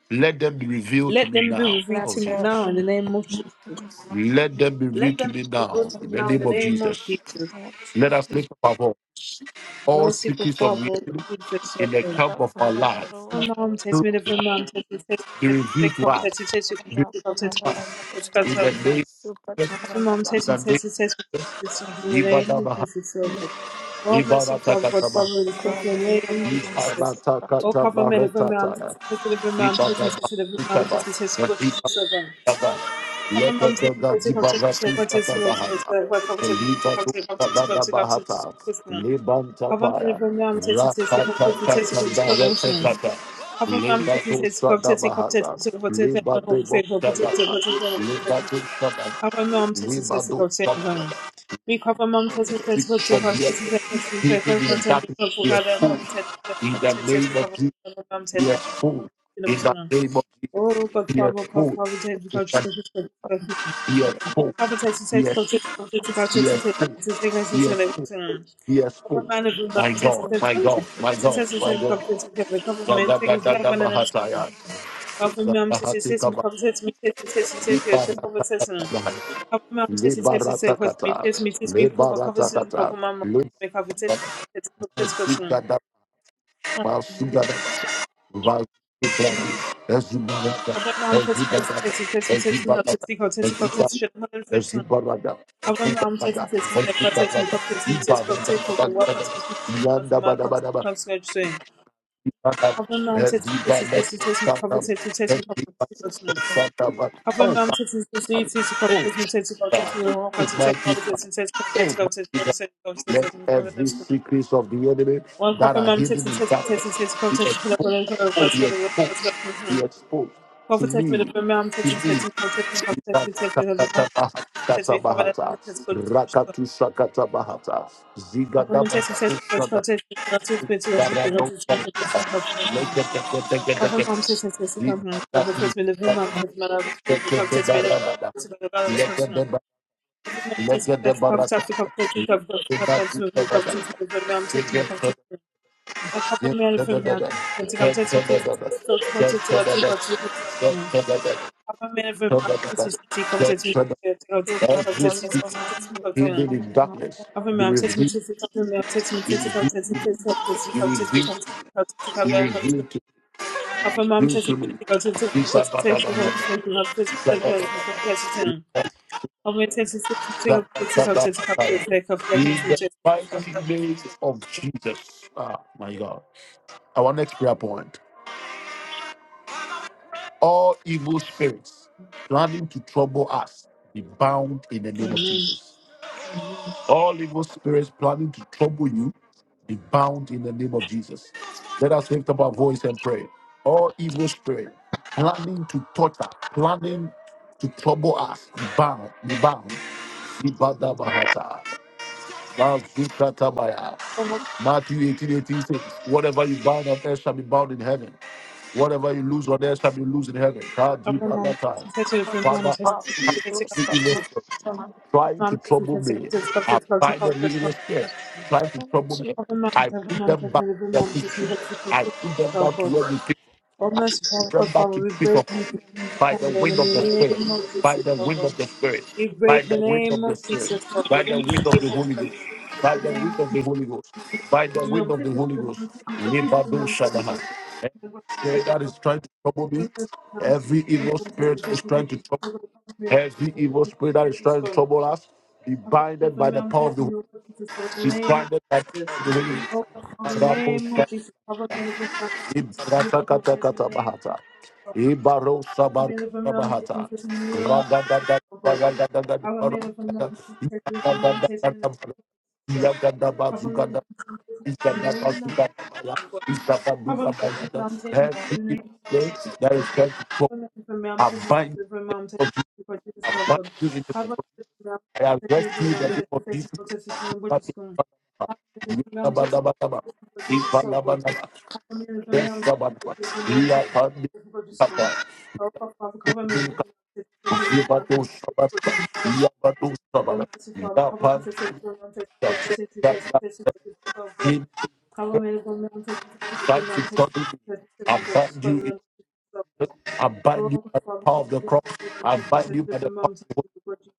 Speaker 1: let them be revealed to
Speaker 3: let
Speaker 1: me
Speaker 3: them
Speaker 1: now.
Speaker 3: be revealed to me now in the name of Jesus.
Speaker 1: Let them be
Speaker 3: Let
Speaker 1: revealed to
Speaker 3: them be
Speaker 1: me now.
Speaker 4: can
Speaker 3: devoted
Speaker 1: In
Speaker 4: be
Speaker 3: now
Speaker 1: the
Speaker 3: in the
Speaker 1: name of Jesus.
Speaker 3: name of Jesus.
Speaker 4: looking.
Speaker 1: Let us lift up our voice. All secrets
Speaker 3: Merciful Father,
Speaker 4: Jesus.
Speaker 3: Jesus, O
Speaker 1: in the
Speaker 3: Lord.
Speaker 1: camp of our lives
Speaker 3: Come on, take me the phone on, take me, take
Speaker 1: be
Speaker 3: me, take me,
Speaker 1: revealed
Speaker 3: take
Speaker 1: to
Speaker 3: me,
Speaker 1: us
Speaker 3: take me, take me, take me,
Speaker 1: in the
Speaker 3: take me,
Speaker 1: name of
Speaker 3: Come on, take me, take me, take me, Jesus, O Lord. In the
Speaker 1: Jesus.
Speaker 3: name of Jesus, O Lord. Oh,
Speaker 1: Libara
Speaker 3: merciful Father, God, Father, we take in the name of Jesus. Oh,
Speaker 1: Takata
Speaker 3: cover me the phone on, take me, take me, take
Speaker 1: Barabas,
Speaker 3: me, take me, take me, take me, take me, take me, take me, Cover
Speaker 1: let
Speaker 3: mom
Speaker 1: the
Speaker 3: taking place, cover taking place, cover taking place, cover taking place, cover
Speaker 1: Libatu
Speaker 3: taking place, cover taking
Speaker 1: Bahas,
Speaker 3: place, cover me
Speaker 1: Libantapaya,
Speaker 3: from mom taking place, cover taking place,
Speaker 1: Rakatata
Speaker 3: cover taking
Speaker 1: direct,
Speaker 3: place, cover mom taking place, cover taking place, cover taking place, cover taking place, cover taking place, cover taking place,
Speaker 1: Libatu Sabadu,
Speaker 3: cover mom taking place, cover taking place. We cover mom taking place, cover taking place, cover taking place, cover taking place, cover
Speaker 1: yes,
Speaker 3: taking place, cover taking place, cover taking
Speaker 1: in the
Speaker 3: place,
Speaker 1: name of
Speaker 3: cover taking place, cover mom taking
Speaker 1: yes,
Speaker 3: place, cover
Speaker 1: food, in
Speaker 3: taking
Speaker 1: the
Speaker 3: place,
Speaker 1: name of yes,
Speaker 3: Oh God,
Speaker 1: yes,
Speaker 3: Father, God, Father, take the God, just
Speaker 1: yes, food,
Speaker 3: Prophetess, you take to go to go to
Speaker 1: yes,
Speaker 3: to take to take us to the lesson.
Speaker 1: yes,
Speaker 3: Over
Speaker 1: food,
Speaker 3: man of the test to test
Speaker 1: my
Speaker 3: to
Speaker 1: God, my
Speaker 3: test to
Speaker 1: God,
Speaker 3: test
Speaker 1: my
Speaker 3: to
Speaker 1: God,
Speaker 3: come to take the
Speaker 1: my
Speaker 3: government
Speaker 1: God, my
Speaker 3: take it back one another. Government mom says it says come says me test to test to test to the conversation. Government mom test to test to
Speaker 1: Barata,
Speaker 3: test what me test me test me cover
Speaker 1: Lebarata,
Speaker 3: conversation cover mom make cover test test to
Speaker 1: Let
Speaker 3: test to test. Government mom test to test to test to test me test me how to speak how to speak how to speak.
Speaker 1: every secret of the enemy that I be exposed to me. Katabaha, Rakatu Shakatabahata, Zigadabata, Legedebara, Every secret hidden in darkness, be revealed. Be revealed. Be revealed. By the name of Jesus. Ah, my God. Our next prayer point. All evil spirits planning to trouble us be bound in the name of Jesus. All evil spirits planning to trouble you, be bound in the name of Jesus. Let us lift up our voice and pray. All evil spirit planning to torture, planning to trouble us, be bound, be bound. Ibada Bahata, Bazukatabaya. Matthew 18, eighteen says, Whatever you bind on earth shall be bound in heaven. Whatever you lose on earth shall be loose in heaven. God, deep at that time. Every evil spirit Trying to trouble me. i trying to trouble me. I I took them back to where they
Speaker 3: O
Speaker 1: I
Speaker 3: merciful, help
Speaker 1: took them
Speaker 3: us,
Speaker 1: back
Speaker 3: Father, we break and we
Speaker 1: by
Speaker 3: repent
Speaker 1: the
Speaker 3: of the
Speaker 1: wind of
Speaker 3: enemy in the name of Jesus, O God.
Speaker 1: the Spirit,
Speaker 3: We
Speaker 1: by,
Speaker 3: break the name of Jesus, O
Speaker 1: by
Speaker 3: God.
Speaker 1: the
Speaker 3: In
Speaker 1: wind of the Holy by
Speaker 3: the
Speaker 1: the wind
Speaker 3: name of
Speaker 1: of the
Speaker 3: Jesus.
Speaker 1: Holy Ghost, by the
Speaker 3: May I'm
Speaker 1: wind of the
Speaker 3: taking it,
Speaker 1: Holy
Speaker 3: may
Speaker 1: Ghost.
Speaker 3: I'm taking it, may
Speaker 1: Libado
Speaker 3: I'm taking it, may I'm taking it,
Speaker 1: Shadaha.
Speaker 3: may
Speaker 1: Every
Speaker 3: I'm taking it,
Speaker 1: spirit
Speaker 3: O
Speaker 1: that
Speaker 3: God.
Speaker 1: is trying to trouble
Speaker 3: May
Speaker 1: me,
Speaker 3: I'm taking it, may I'm taking
Speaker 1: every
Speaker 3: it, may
Speaker 1: evil
Speaker 3: I'm
Speaker 1: spirit
Speaker 3: taking
Speaker 1: that
Speaker 3: it,
Speaker 1: is
Speaker 3: O God, Jesus, O God.
Speaker 1: trying to
Speaker 3: May I'm taking
Speaker 1: every evil spirit that is
Speaker 3: it, Jesus,
Speaker 1: trying
Speaker 3: O
Speaker 1: to
Speaker 3: God.
Speaker 1: trouble us, be binded by
Speaker 3: May I'm taking it, may
Speaker 1: the
Speaker 3: I'm
Speaker 1: power of the
Speaker 3: taking it, O God, Jesus, O God. In
Speaker 1: be
Speaker 3: the name
Speaker 1: binded
Speaker 3: of
Speaker 1: by
Speaker 3: Jesus.
Speaker 1: the Holy Ghost.
Speaker 3: O God, Father, in the
Speaker 1: Rapo-
Speaker 3: name of Jesus, O God, may the blood of Jesus, may the blood of
Speaker 1: Ratakata
Speaker 3: Jesus, may the name of Jesus.
Speaker 1: Sabahata. Ibaro
Speaker 3: Our
Speaker 1: Sabaru
Speaker 3: made from Ram
Speaker 1: Sabahata.
Speaker 3: takes in the name of Jesus. so good. Our
Speaker 1: Ragadagadagadagadagadagadagadagada.
Speaker 3: made from Ram takes in the name of Jesus. so good. Our made from Ram takes in the name of Jesus. so Cover me from mom, take me to the name
Speaker 1: There is
Speaker 3: God.
Speaker 1: help for
Speaker 3: Cover me from mom,
Speaker 1: I
Speaker 3: take me
Speaker 1: bind
Speaker 3: to the
Speaker 1: you
Speaker 3: mom, take me to the Jesus
Speaker 1: I
Speaker 3: of
Speaker 1: bind
Speaker 3: God.
Speaker 1: you in
Speaker 3: Cover
Speaker 1: the
Speaker 3: me from mom,
Speaker 1: I
Speaker 3: take me
Speaker 1: arrest
Speaker 3: to the
Speaker 1: you in the
Speaker 3: mom,
Speaker 1: name
Speaker 3: take me to the mom, take me
Speaker 1: of
Speaker 3: to
Speaker 1: Jesus.
Speaker 3: the mom,
Speaker 1: Yabadabadaba.
Speaker 3: Jesus
Speaker 1: Ibalabadaba.
Speaker 3: Cover me from
Speaker 1: Yes,
Speaker 3: mom, take me to the Jesus of God. Cover me from mom,
Speaker 1: Iya
Speaker 3: take me to the mom, take me to the mom, Jesus of
Speaker 1: Papa,
Speaker 3: God. Cover me from mom, take me
Speaker 1: Sibin
Speaker 3: to the mom, take me to Jesus of
Speaker 1: Sabata,
Speaker 3: God
Speaker 1: Iya Sabata,
Speaker 3: we burn
Speaker 1: Iya
Speaker 3: and
Speaker 1: that him, that he told me, I bind you in I bind you by the power of the cross. I bind you by the power.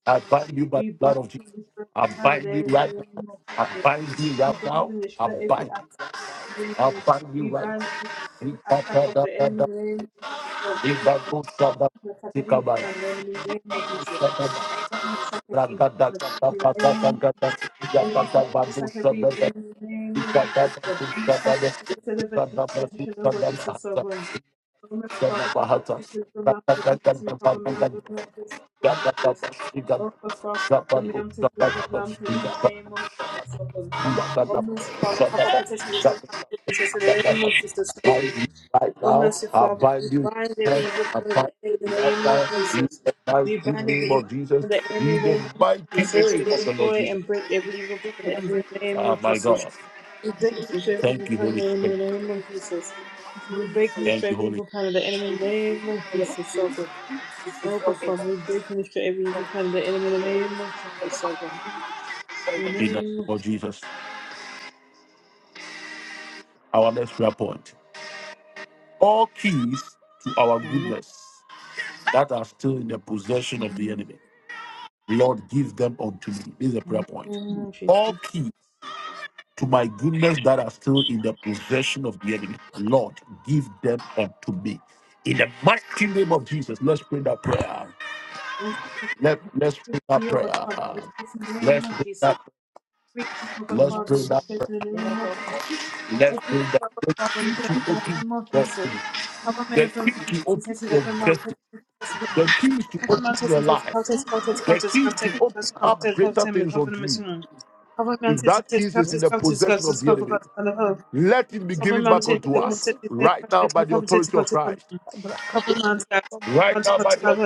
Speaker 1: I bind you by the blood of. Jesus.
Speaker 3: destroy
Speaker 1: I
Speaker 3: the plan of the
Speaker 1: bind you
Speaker 3: enemy
Speaker 1: right.
Speaker 3: in the name of
Speaker 1: now. I
Speaker 3: Jesus.
Speaker 1: bind you
Speaker 3: We
Speaker 1: right
Speaker 3: burn
Speaker 1: now.
Speaker 3: and destroy every
Speaker 1: Bind.
Speaker 3: attack of the
Speaker 1: I
Speaker 3: enemy.
Speaker 1: bind you
Speaker 3: We
Speaker 1: right. Now.
Speaker 3: burn and destroy every attack of the enemy in
Speaker 1: Ikatadadada,
Speaker 3: the name of Jesus. We burn
Speaker 1: ibagusada,
Speaker 3: and attack every evil
Speaker 1: tikabaya,
Speaker 3: plan of the enemy in the name of Jesus
Speaker 1: ikatadada,
Speaker 3: burn the second evil in the name
Speaker 1: ragadadadadadada,
Speaker 3: of Jesus. We burn the second
Speaker 1: ikatadabagusada,
Speaker 3: evil in the name of Jesus, God. Cover
Speaker 1: ikatadadadadada,
Speaker 3: protected over the petition of what
Speaker 1: ikatadadadadada,
Speaker 3: is so born. Romans 12, a couple of
Speaker 1: bahata,
Speaker 3: pieces of mountain, Jesus, me cover me, the
Speaker 1: ikatadadadadada,
Speaker 3: mountains, for Jesus. Oh, for Father, for me,
Speaker 1: ikatadadadadada,
Speaker 3: I'm taking the mountains in the name
Speaker 1: ikatadadadadada,
Speaker 3: of Jesus, so good. Romans 12, a couple of
Speaker 1: ikatadadadadada,
Speaker 3: petitions of mountain, Jesus, in the name of Jesus,
Speaker 1: right
Speaker 3: Oh,
Speaker 1: now.
Speaker 3: mercy
Speaker 1: I
Speaker 3: Father, we
Speaker 1: bind you
Speaker 3: bind every evil plan of the enemy in the
Speaker 1: right
Speaker 3: name of
Speaker 1: now in
Speaker 3: Jesus.
Speaker 1: the
Speaker 3: We
Speaker 1: mighty
Speaker 3: bind
Speaker 1: name.
Speaker 3: every evil plan of the enemy
Speaker 1: In
Speaker 3: in the name of
Speaker 1: the
Speaker 3: Jesus.
Speaker 1: mighty
Speaker 3: We destroy and break every evil plan of the
Speaker 1: name.
Speaker 3: enemy in the name
Speaker 1: Oh
Speaker 3: of
Speaker 1: my God.
Speaker 3: Jesus. We break and destroy every evil plan of
Speaker 1: Thank you, Holy
Speaker 3: the enemy in the name of Jesus. We break and destroy every evil plan of the enemy in the name of Jesus, so God. Oh God,
Speaker 1: Spirit.
Speaker 3: Father, we break and destroy every evil plan of the enemy in the name of Jesus, so God. In the
Speaker 1: In
Speaker 3: name of Jesus.
Speaker 1: us, our next prayer point. All keys to our
Speaker 3: Amen.
Speaker 1: goodness that are still in the possession of the enemy. Lord, give them unto me. This is a prayer
Speaker 3: In
Speaker 1: point.
Speaker 3: the name of
Speaker 1: All
Speaker 3: Jesus.
Speaker 1: keys. to my goodness that are still in the possession of the enemy. Lord, give them unto me. In the mighty name of Jesus, let's pray that prayer. Let, let's pray that
Speaker 3: Every yoga
Speaker 1: prayer.
Speaker 3: father, we bless in the name
Speaker 1: Let's
Speaker 3: of
Speaker 1: pray
Speaker 3: Jesus.
Speaker 1: that.
Speaker 3: Every yoga
Speaker 1: Let's
Speaker 3: father,
Speaker 1: pray
Speaker 3: we
Speaker 1: that.
Speaker 3: bless in the name of Jesus.
Speaker 1: Let's
Speaker 3: Every
Speaker 1: pray that.
Speaker 3: yoga
Speaker 1: The
Speaker 3: father, we
Speaker 1: key
Speaker 3: bless
Speaker 1: to
Speaker 3: in the
Speaker 1: open
Speaker 3: name
Speaker 1: your
Speaker 3: of
Speaker 1: door.
Speaker 3: Jesus. Our men
Speaker 1: The
Speaker 3: of
Speaker 1: key
Speaker 3: the
Speaker 1: to
Speaker 3: mountains, he
Speaker 1: open
Speaker 3: says,
Speaker 1: your
Speaker 3: every mountain, every
Speaker 1: The keys to open,
Speaker 3: mountain, he says, mountains, mountains, mountains, mountains,
Speaker 1: keys to open
Speaker 3: mountains,
Speaker 1: up.
Speaker 3: mountains, mountains, cover the missing. Cover mountains,
Speaker 1: If
Speaker 3: he
Speaker 1: that,
Speaker 3: says, mountains, mountains, mountains, cover
Speaker 4: Super
Speaker 3: God's on the hill.
Speaker 1: let it be
Speaker 3: Cover
Speaker 1: given back on
Speaker 3: mountains, the mountains, he says,
Speaker 1: right now
Speaker 3: mountains,
Speaker 1: by the
Speaker 3: mountains,
Speaker 1: authority. of-
Speaker 3: mountains,
Speaker 1: Right now
Speaker 3: mountains,
Speaker 1: by the
Speaker 3: cover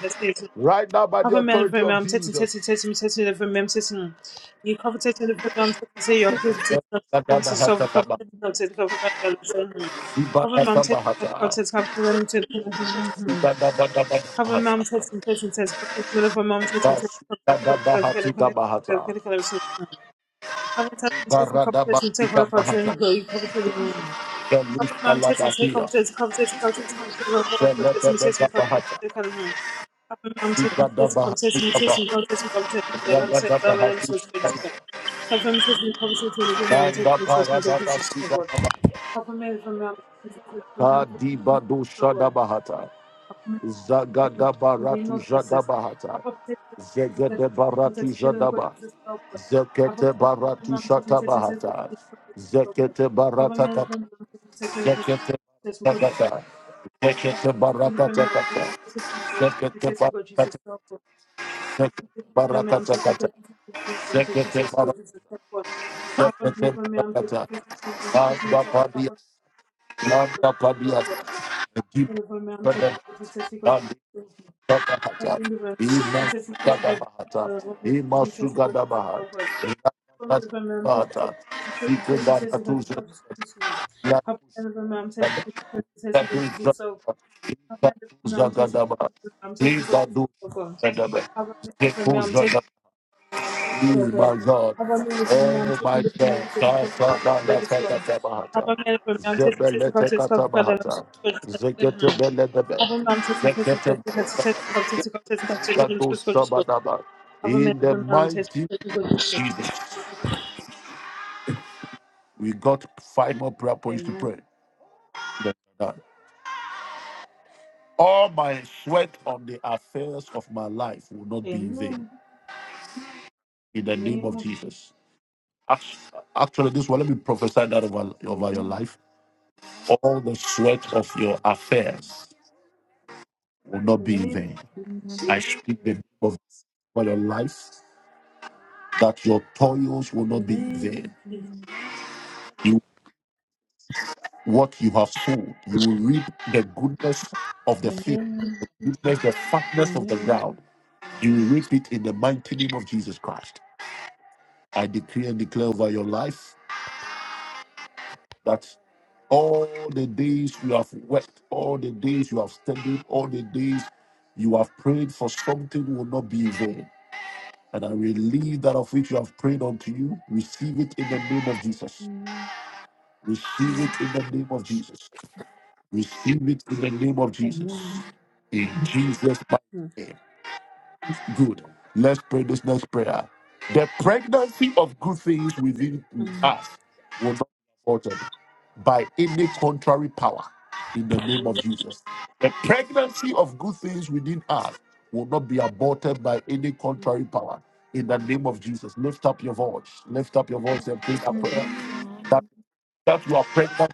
Speaker 3: mountains,
Speaker 1: right now by the
Speaker 3: Covenant of
Speaker 1: authority.
Speaker 3: I'm taking, taking, taking, taking the I'm taking. You cover taking the I'm taking, say your people to cover
Speaker 1: Father,
Speaker 3: to
Speaker 1: have
Speaker 3: solve cover to take cover
Speaker 1: mercy.
Speaker 3: cover
Speaker 1: Father,
Speaker 3: mom taking, cover to cover to them to
Speaker 1: have
Speaker 3: cover
Speaker 1: mercy.
Speaker 3: mom taking, taking, taking, cover to the mom taking, taking, cover to cover to get a connection. Cover
Speaker 1: Gadabahatitabahata.
Speaker 3: taking, taking, cover
Speaker 1: Karadaba-
Speaker 3: taking, take cover to go. You cover to the moon.
Speaker 1: Felix
Speaker 3: Cover mom test me
Speaker 1: Alaba.
Speaker 3: take cover test cover test cover test cover test cover test me test me cover test cover test cover mom test me test
Speaker 1: Felicitabahata.
Speaker 3: cover test me test me cover test cover test cover I'm saying cover them
Speaker 1: Zagadabahata.
Speaker 3: so register. Cover me test me cover test me cover mom test me test
Speaker 1: Kandabara.
Speaker 3: me cover test cover word. Cover me from mom test me cover mom test me cover
Speaker 1: Kadibadoshadabahata.
Speaker 3: in the name
Speaker 1: Zagadabaratu
Speaker 3: of Jesus.
Speaker 1: Jadabahata.
Speaker 3: Abba, protect me, protect
Speaker 1: Zegedebaratu
Speaker 3: protect me, protect me, children of God,
Speaker 1: Jadaba.
Speaker 3: protect us, oh God. Abba,
Speaker 1: Zekete
Speaker 3: protect me, protect me,
Speaker 1: Baratu
Speaker 3: mom, protect me, protect
Speaker 1: Shatabahata.
Speaker 3: protect me, protect me, oh God.
Speaker 1: Zekete
Speaker 3: Abba, may I
Speaker 1: Baratata.
Speaker 3: love you, protect me, protect me, protect me, protect
Speaker 1: Zekete
Speaker 3: me, oh Jesus.
Speaker 1: Baratata.
Speaker 3: Abba,
Speaker 1: Zekete
Speaker 3: protect me, protect me,
Speaker 1: Baratata.
Speaker 3: protect protect me, protect
Speaker 1: Zekete
Speaker 3: protect me, oh God, Jesus, soul of God.
Speaker 1: Baratata.
Speaker 3: Abba,
Speaker 1: Zekete
Speaker 3: protect me, protect me, protect
Speaker 1: Barakata.
Speaker 3: protect me, protect protect
Speaker 1: Zekete
Speaker 3: me, oh God,
Speaker 1: Baratata.
Speaker 3: Jesus, soul of God. Abba, may I love you, protect me, protect me, protect
Speaker 1: zekete
Speaker 3: protect me, cover me, oh
Speaker 1: baratata,
Speaker 3: God,
Speaker 1: Manda
Speaker 3: oh Abba, may I love you, protect me, protect me, protect protect me, oh
Speaker 1: Padia,
Speaker 3: God,
Speaker 1: Gipa
Speaker 3: Jesus, soul of God. I'm good.
Speaker 1: Dabahata, Ima Dabahata, Ima Sugadabaha, Dabahata, Sikadatus, Yadu, Zagada, Ibadu, Bedabe, Zekuja, Ima, Oh my God, Sasa, Dada, Sasa, Dabahata, Zeta, Bedabe.
Speaker 3: Cover me
Speaker 1: In the
Speaker 3: every arm
Speaker 1: mind,
Speaker 3: says
Speaker 1: we got five more prayer points to
Speaker 3: Amen.
Speaker 1: pray. All my sweat on the affairs of my life will not be in vain.
Speaker 3: Amen.
Speaker 1: In the
Speaker 3: In the
Speaker 1: name
Speaker 3: name
Speaker 1: of Jesus.
Speaker 3: of Jesus.
Speaker 1: Act- Actually, this one, let me prophesy that over, over your
Speaker 3: Amen.
Speaker 1: life. All the sweat of your
Speaker 3: Mm.
Speaker 1: affairs will not
Speaker 3: In the
Speaker 1: be in
Speaker 3: name,
Speaker 1: vain. I speak the name of over your life that your toils will not
Speaker 3: in the
Speaker 1: be in vain.
Speaker 3: name of Jesus.
Speaker 1: You, what you have sown, you will reap the goodness of the
Speaker 3: In the
Speaker 1: field,
Speaker 3: name,
Speaker 1: goodness, the fatness
Speaker 3: in the
Speaker 1: of the
Speaker 3: name.
Speaker 1: ground. You will reap it in the mighty name of Jesus Christ. I decree and declare over your life that all the days you have worked, all the days you have studied, all the days you have prayed for something will not be in vain. And I release that of which you have prayed unto you. Receive it in the name of Jesus. Receive it in the name of Jesus. Receive it in the name of Jesus.
Speaker 3: Amen.
Speaker 1: In Jesus' mighty
Speaker 3: Mm.
Speaker 1: name. Good. Let's pray this next prayer. The pregnancy of good things within
Speaker 3: Mm.
Speaker 1: us will not be altered by any contrary power in the name
Speaker 3: Amen.
Speaker 1: of The pregnancy of good things within us will not be aborted by any
Speaker 3: Mm.
Speaker 1: contrary power. In the name of Jesus, lift up your voice. Lift up your voice and pray a
Speaker 3: mm,
Speaker 1: prayer.
Speaker 3: mm,
Speaker 1: That that you are pregnant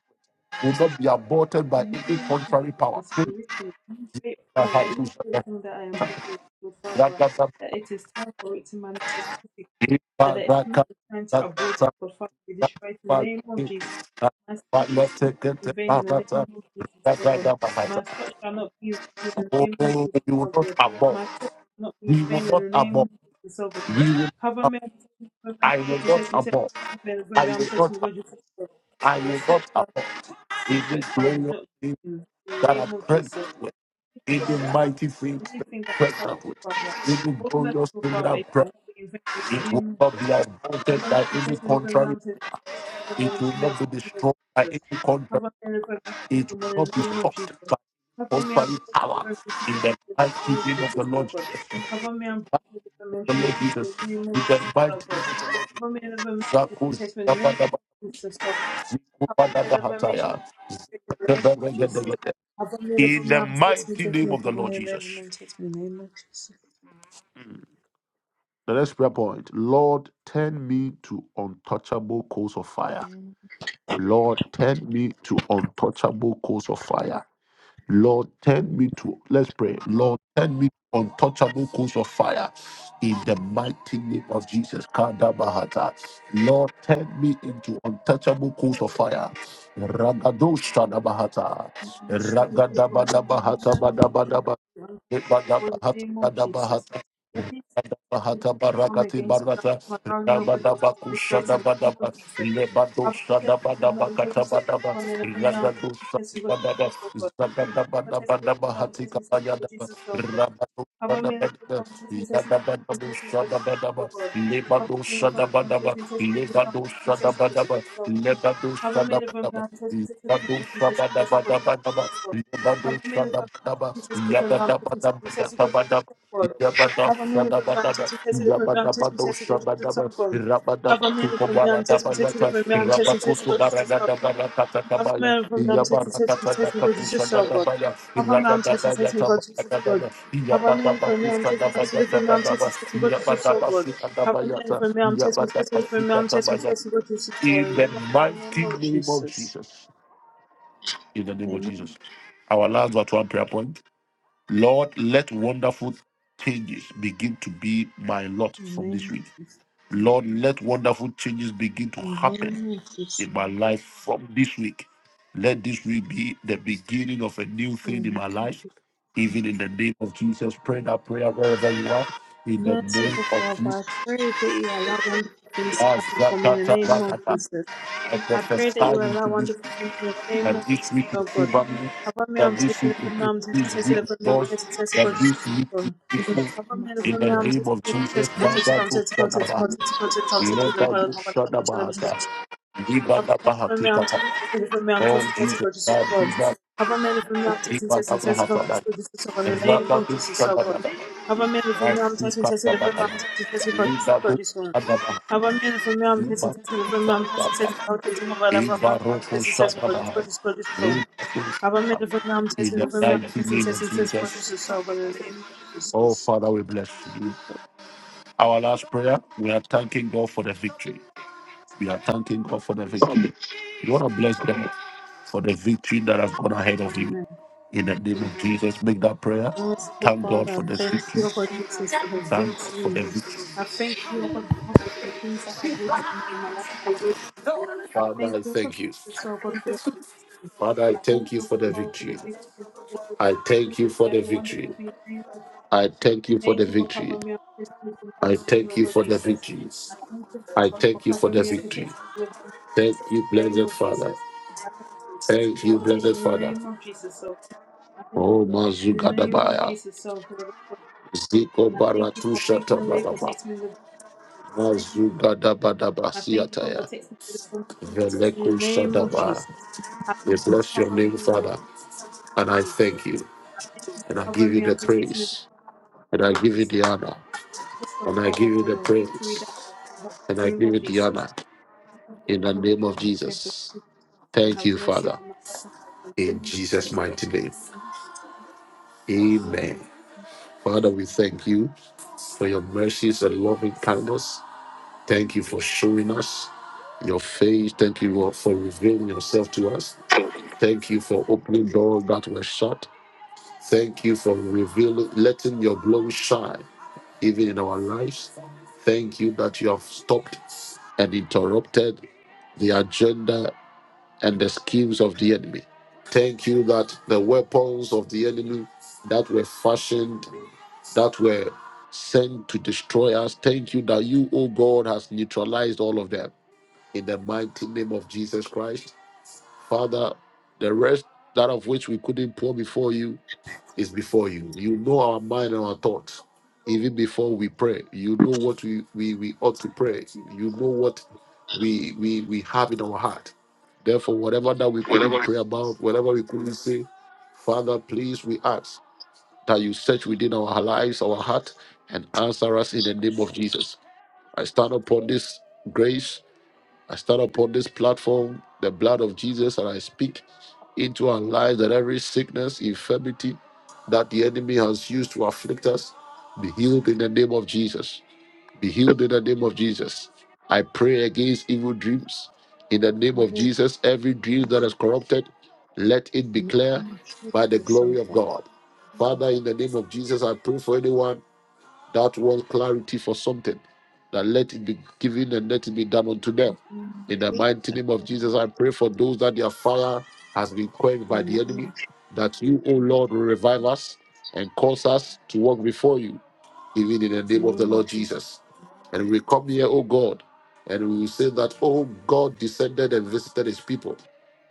Speaker 1: will not be aborted by any
Speaker 3: May Him put
Speaker 1: contrary power.
Speaker 3: His
Speaker 1: Pray
Speaker 3: spiritual great
Speaker 1: that
Speaker 3: power,
Speaker 1: I do.
Speaker 3: any blessing that I am able to
Speaker 1: That- that-
Speaker 3: perform.
Speaker 1: that-
Speaker 3: That it is time for it to manifest physically. That the
Speaker 1: that-
Speaker 3: enemy is trying to
Speaker 1: that-
Speaker 3: abort,
Speaker 1: that-
Speaker 3: to perform, to destroy it in the
Speaker 1: that-
Speaker 3: name of Jesus.
Speaker 1: that-
Speaker 3: My search
Speaker 1: that- let's
Speaker 3: shall not
Speaker 1: take
Speaker 3: be
Speaker 1: it,
Speaker 3: in
Speaker 1: that-
Speaker 3: vain in
Speaker 1: that-
Speaker 3: the
Speaker 1: that-
Speaker 3: name of Jesus. oh
Speaker 1: that-
Speaker 3: God.
Speaker 1: that- that-
Speaker 3: My
Speaker 1: that.
Speaker 3: search shall not be in vain in the
Speaker 1: Oh,
Speaker 3: name of
Speaker 1: we
Speaker 3: Jesus.
Speaker 1: will
Speaker 3: oh
Speaker 1: not
Speaker 3: God.
Speaker 1: abort.
Speaker 3: My search shall not be in
Speaker 1: We will
Speaker 3: vain in
Speaker 1: not.
Speaker 3: the name of Jesus. oh
Speaker 1: We
Speaker 3: God.
Speaker 1: will. Not,
Speaker 3: Cover
Speaker 1: ab-
Speaker 3: me, I'm set, me,
Speaker 1: I will not
Speaker 3: set, me, set,
Speaker 1: abort.
Speaker 3: me, cover me, and with me,
Speaker 1: I.
Speaker 3: I'm set, me, God, Jesus, oh God.
Speaker 1: I
Speaker 3: My
Speaker 1: will
Speaker 3: search
Speaker 1: not
Speaker 3: shall not be
Speaker 1: abort.
Speaker 3: my
Speaker 1: It is
Speaker 3: stretched out
Speaker 1: glorious
Speaker 3: doctrine in the name
Speaker 1: that
Speaker 3: of Jesus. This
Speaker 1: Any
Speaker 3: year that I have
Speaker 1: mighty things that
Speaker 3: anything that I
Speaker 1: press
Speaker 3: have
Speaker 1: up with
Speaker 3: Father.
Speaker 1: any
Speaker 3: Oh,
Speaker 1: glorious
Speaker 3: merciful
Speaker 1: thing
Speaker 3: Father,
Speaker 1: that
Speaker 3: it shall not be in vain with
Speaker 1: it will
Speaker 3: him.
Speaker 1: not be
Speaker 3: Have
Speaker 1: aborted by
Speaker 3: I'm
Speaker 1: any
Speaker 3: safe, deliver me,
Speaker 1: contrary,
Speaker 3: I'm to Have on
Speaker 1: it will not
Speaker 3: me, I'm safe,
Speaker 1: destroy by
Speaker 3: deliver Jesus.
Speaker 1: any contrary,
Speaker 3: Have on me, deliver
Speaker 1: it will
Speaker 3: in the
Speaker 1: not be
Speaker 3: name of Jesus. Have on me, I'm
Speaker 1: contrary
Speaker 3: safe,
Speaker 1: power
Speaker 3: deliver me, people,
Speaker 1: in the
Speaker 3: in the name
Speaker 1: mighty
Speaker 3: of
Speaker 1: name of the
Speaker 3: Jesus, oh
Speaker 1: Lord
Speaker 3: God.
Speaker 1: Jesus.
Speaker 3: Have on me, I'm safe, deliver me,
Speaker 1: The
Speaker 3: people,
Speaker 1: Lord
Speaker 3: in
Speaker 1: Jesus.
Speaker 3: the name of
Speaker 1: In
Speaker 3: Jesus,
Speaker 1: the
Speaker 3: oh
Speaker 1: mighty
Speaker 3: God. Have on me, deliver me, I'm safe, deliver in the
Speaker 1: Zakos-
Speaker 3: name of Jesus, oh God.
Speaker 1: Zakos-
Speaker 3: Have I me am said
Speaker 1: Kubadadahataya.
Speaker 3: the name of Jesus.
Speaker 1: Zeketeberegedegede.
Speaker 3: Cover me in the
Speaker 1: In
Speaker 3: name
Speaker 1: the
Speaker 3: of
Speaker 1: might
Speaker 3: Jesus.
Speaker 1: of the
Speaker 3: Cover me
Speaker 1: Lord.
Speaker 3: in the name of Jesus.
Speaker 1: The next prayer point Lord, turn me to untouchable coals of fire Lord, turn me to untouchable coals of fire. Lord, turn me to, let's pray. Lord, turn me to untouchable coals of fire. In the mighty name of Jesus, Kadabahata. Lord, turn me into untouchable coals of fire. Ragadoshadabahata. Ragadabadabahata
Speaker 3: Cover me
Speaker 4: Whatever.
Speaker 3: I'm
Speaker 1: badabadabahata
Speaker 3: tasting, in the name of Jesus. Cover me in the name of Jesus.
Speaker 1: bahata
Speaker 3: Let me
Speaker 1: bahata
Speaker 3: come
Speaker 1: barakati
Speaker 3: against me.
Speaker 1: barata.
Speaker 3: Allow me, over Jesus, destroy it in the
Speaker 1: Rabadabakushadaba-
Speaker 3: name of Jesus. Above the test of the film,
Speaker 1: lebadoshadabadabakata.
Speaker 3: taking test me, for me, the film, I'm taking test of the film. Above the test the film, I'm taking test of Jesus so good. Above me the film, I'm taking test of the test of Jesus so good. Above me the film, I'm taking test of the film, I'm taking test of Jesus so Hava merhaba ben tespit ettim ben tespit ettim gocu Hava merhaba ben tespit ettim ben tespit ettim gocu Hava merhaba ben tespit ettim ben tespit ettim gocu Hava merhaba ben tespit ettim ben tespit ettim gocu Amen. From them, testing, testing, testing, God is just so good. From them, testing, testing, God is just good. From them, from them, testing, testing, from them, testing, testing, God is just so good. From them, from them, testing, testing, from is just so
Speaker 1: in
Speaker 3: good. In the
Speaker 1: the
Speaker 3: mighty name
Speaker 1: mighty
Speaker 3: of
Speaker 1: name of Jesus.
Speaker 3: Jesus.
Speaker 1: In the name of
Speaker 3: Amen.
Speaker 1: Jesus. Our last but one prayer point. Lord, let wonderful changes begin to be my lot
Speaker 3: In the
Speaker 1: from this week.
Speaker 3: name,
Speaker 1: Lord, let wonderful changes begin to
Speaker 3: in the
Speaker 1: happen
Speaker 3: name of
Speaker 1: in my life from this week. Let this week be the beginning of a new thing in my
Speaker 3: Jesus.
Speaker 1: life, even in the name of Jesus. Pray that prayer wherever you are. In the name
Speaker 3: Merciful
Speaker 1: of
Speaker 3: Father,
Speaker 1: Jesus,
Speaker 3: I pray that you allow wonderful things to
Speaker 1: As
Speaker 3: happen for me in the
Speaker 1: Zakata,
Speaker 3: name of Jesus.
Speaker 1: I
Speaker 3: I pray that you
Speaker 1: prophesy
Speaker 3: allow wonderful things in the name of Jesus,
Speaker 1: in
Speaker 3: oh God.
Speaker 1: favor
Speaker 3: Papa, me,
Speaker 1: that
Speaker 3: I'm taking the prayer, I'm taking
Speaker 1: this week,
Speaker 3: the prayer, I'm taking the prayer,
Speaker 1: that
Speaker 3: God.
Speaker 1: this week,
Speaker 3: Papa, me, the
Speaker 1: in the
Speaker 3: prayer, I'm
Speaker 1: name
Speaker 3: taking
Speaker 1: of
Speaker 3: the prayer,
Speaker 1: Jesus,
Speaker 3: I'm taking the prayer,
Speaker 1: Father,
Speaker 3: I'm taking the prayer, I'm taking
Speaker 1: let
Speaker 3: the prayer, I'm taking the
Speaker 1: that
Speaker 3: prayer,
Speaker 1: Ninety
Speaker 3: have a man of me, I'm testing, testing, testing, about this good, this is so good. In the name of Jesus, so good. Have a man of me, I'm testing, testing, about me, I'm testing, testing, about this good, this one. of me, I'm testing, testing, about me, I'm testing, testing, about this good, about me, i testing, testing, about this good, this good, of me, I'm testing, me, I'm testing,
Speaker 1: million.
Speaker 3: testing, testing, about this is so In the name of
Speaker 1: Oh
Speaker 3: Jesus.
Speaker 1: Father, we bless you. Our last prayer, we are thanking God for the victory. We are thanking God for the victory. You want to bless them for the victory that has gone ahead of you.
Speaker 3: Amen.
Speaker 1: In the name of Jesus, make that prayer.
Speaker 3: Merciful
Speaker 1: Thank God.
Speaker 3: Father, I thank you, O God Jesus, for the
Speaker 1: Thank God for
Speaker 3: victory.
Speaker 1: the victory.
Speaker 3: I thank you, O God, God, for the things that have already been in my life, O God. I thank
Speaker 1: Father,
Speaker 3: you, O God Jesus, O God, for the victory.
Speaker 1: Father, I
Speaker 3: I thank
Speaker 1: thank
Speaker 3: you,
Speaker 1: you
Speaker 3: O
Speaker 1: for
Speaker 3: God
Speaker 1: the victory.
Speaker 3: Father, for the victory.
Speaker 1: I
Speaker 3: I Thank
Speaker 1: thank you
Speaker 3: you for
Speaker 1: for the
Speaker 3: every
Speaker 1: victory.
Speaker 3: wonderful thing. Thank you,
Speaker 1: I thank you for the
Speaker 3: thank you for
Speaker 1: victory.
Speaker 3: covering me and protecting me, from
Speaker 1: I
Speaker 3: harm,
Speaker 1: thank
Speaker 3: O
Speaker 1: you
Speaker 3: God
Speaker 1: for the
Speaker 3: Jesus. I
Speaker 1: victories.
Speaker 3: thank you
Speaker 1: I
Speaker 3: Father, for
Speaker 1: thank you for
Speaker 3: covering
Speaker 1: the
Speaker 3: me
Speaker 1: victory.
Speaker 3: and protecting me in the
Speaker 1: Thank you,
Speaker 3: name
Speaker 1: blessed
Speaker 3: of
Speaker 1: Father.
Speaker 3: Jesus. I thank
Speaker 1: Thank
Speaker 3: you and
Speaker 1: you, blessed
Speaker 3: protecting me in the
Speaker 1: Father.
Speaker 3: name of Jesus. So I thank you
Speaker 1: Oh,
Speaker 3: for protecting me in the name of
Speaker 1: Mazugadabaya.
Speaker 3: Jesus. So God.
Speaker 1: Ziko
Speaker 3: I thank you
Speaker 1: Baratu
Speaker 3: for making a way,
Speaker 1: Shatababa.
Speaker 3: protecting me with the blood.
Speaker 1: Mazugadabadaba
Speaker 3: I thank you for
Speaker 1: Siataya.
Speaker 3: protecting me with the information. In the
Speaker 1: Veleku Shada.
Speaker 3: name of Jesus. I
Speaker 1: We
Speaker 3: thank you
Speaker 1: bless
Speaker 3: for
Speaker 1: your
Speaker 3: covering
Speaker 1: name,
Speaker 3: me with your
Speaker 1: Father.
Speaker 3: blood,
Speaker 1: And I
Speaker 3: Jesus.
Speaker 1: thank you.
Speaker 3: I thank you
Speaker 1: And I
Speaker 3: for covering
Speaker 1: give you
Speaker 3: me
Speaker 1: the
Speaker 3: and
Speaker 1: praise.
Speaker 3: protecting me with
Speaker 1: And
Speaker 3: your
Speaker 1: I
Speaker 3: blood,
Speaker 1: give you
Speaker 3: Jesus.
Speaker 1: the
Speaker 3: Thank
Speaker 1: honor.
Speaker 3: you for
Speaker 1: And I give
Speaker 3: power,
Speaker 1: you
Speaker 3: for
Speaker 1: the
Speaker 3: your
Speaker 1: praise.
Speaker 3: victory that in the
Speaker 1: And I
Speaker 3: name
Speaker 1: give
Speaker 3: of
Speaker 1: you the
Speaker 3: Jesus.
Speaker 1: honor.
Speaker 3: I
Speaker 1: In the name
Speaker 3: concentrate
Speaker 1: of
Speaker 3: my prayer for this
Speaker 1: Jesus.
Speaker 3: and
Speaker 1: Thank
Speaker 3: have
Speaker 1: you,
Speaker 3: mercy
Speaker 1: Father.
Speaker 3: upon my life. In the
Speaker 1: In
Speaker 3: name of
Speaker 1: Jesus'
Speaker 3: Jesus.
Speaker 1: mighty name.
Speaker 3: Have mercy
Speaker 1: Amen.
Speaker 3: upon me.
Speaker 1: Father, we thank you for your mercies and loving kindness. Thank you for showing us your face. Thank you Lord, for revealing yourself to us. Thank you for opening doors that were shut. Thank you for revealing, letting your glory shine even in our lives. Thank you that you have stopped and interrupted the agenda and the schemes of the enemy. Thank you that the weapons of the enemy that were fashioned that were sent to destroy us. Thank you that you, O God, has neutralized all of them in the mighty name of Jesus Christ. Father, the rest that of which we couldn't pour before you, before you. You know our mind and our thoughts. Even before we pray, you know what we, we, we ought to pray. You know what we, we we have in our heart. Therefore, whatever that we couldn't pray about, whatever we couldn't say, Father, please, we ask that you search within our lives, our heart, and answer us in the name of Jesus. I stand upon this grace, I stand upon this platform, the blood of Jesus, and I speak into our lives that every sickness, infirmity that the enemy has used to afflict us be healed in the name of Jesus. Be healed in the name of Jesus. I pray against evil dreams in the name
Speaker 3: in
Speaker 1: of
Speaker 3: the
Speaker 1: Jesus. Every dream that is corrupted, let it be clear
Speaker 3: name of
Speaker 1: by the
Speaker 3: Jesus. oh
Speaker 1: glory of
Speaker 3: God.
Speaker 1: God. Father, in the name of Jesus, I pray for anyone that wants clarity for something, that let it be given and let it be done unto them.
Speaker 3: In the name of
Speaker 1: In the
Speaker 3: Jesus.
Speaker 1: mighty name of Jesus, I pray for those that their fire has been quenched
Speaker 3: In
Speaker 1: by the
Speaker 3: the
Speaker 1: enemy,
Speaker 3: name
Speaker 1: that you, O Lord, will revive us and cause us to walk before you, even in the name of the
Speaker 3: of
Speaker 1: Lord
Speaker 3: Jesus.
Speaker 1: Jesus. And we come here, O God, and we will say that, O God descended and visited his people,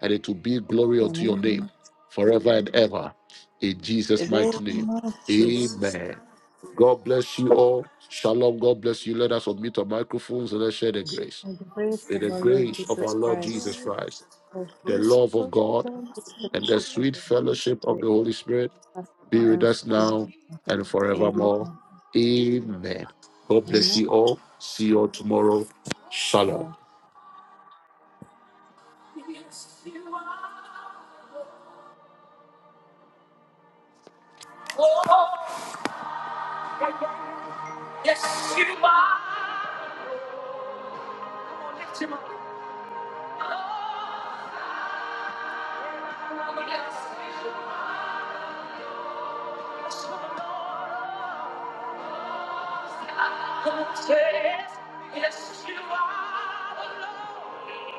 Speaker 1: and it will be glory
Speaker 3: In the name of Jesus.
Speaker 1: unto your name forever and ever. In Jesus'
Speaker 3: In
Speaker 1: mighty
Speaker 3: the name of Jesus.
Speaker 1: Amen. God bless you all. Shalom. God bless you. Let us unmute our microphones and let's share the grace.
Speaker 3: May the grace of
Speaker 1: The
Speaker 3: our Lord
Speaker 1: grace of our
Speaker 3: Jesus
Speaker 1: Lord
Speaker 3: Christ,
Speaker 1: Jesus Christ,
Speaker 3: of
Speaker 1: the
Speaker 3: God,
Speaker 1: love of God,
Speaker 3: full
Speaker 1: and the
Speaker 3: fellowship of
Speaker 1: sweet
Speaker 3: the Holy
Speaker 1: fellowship of the
Speaker 3: Spirit,
Speaker 1: Holy Spirit
Speaker 3: as now
Speaker 1: be with
Speaker 3: and
Speaker 1: us
Speaker 3: forever.
Speaker 1: now and forevermore.
Speaker 3: Amen.
Speaker 1: Amen. God bless you all. See you all tomorrow.
Speaker 3: Amen.
Speaker 1: Shalom. Yes, you are. Lift him up. Oh, yes, you are. Yes, you are the Lord.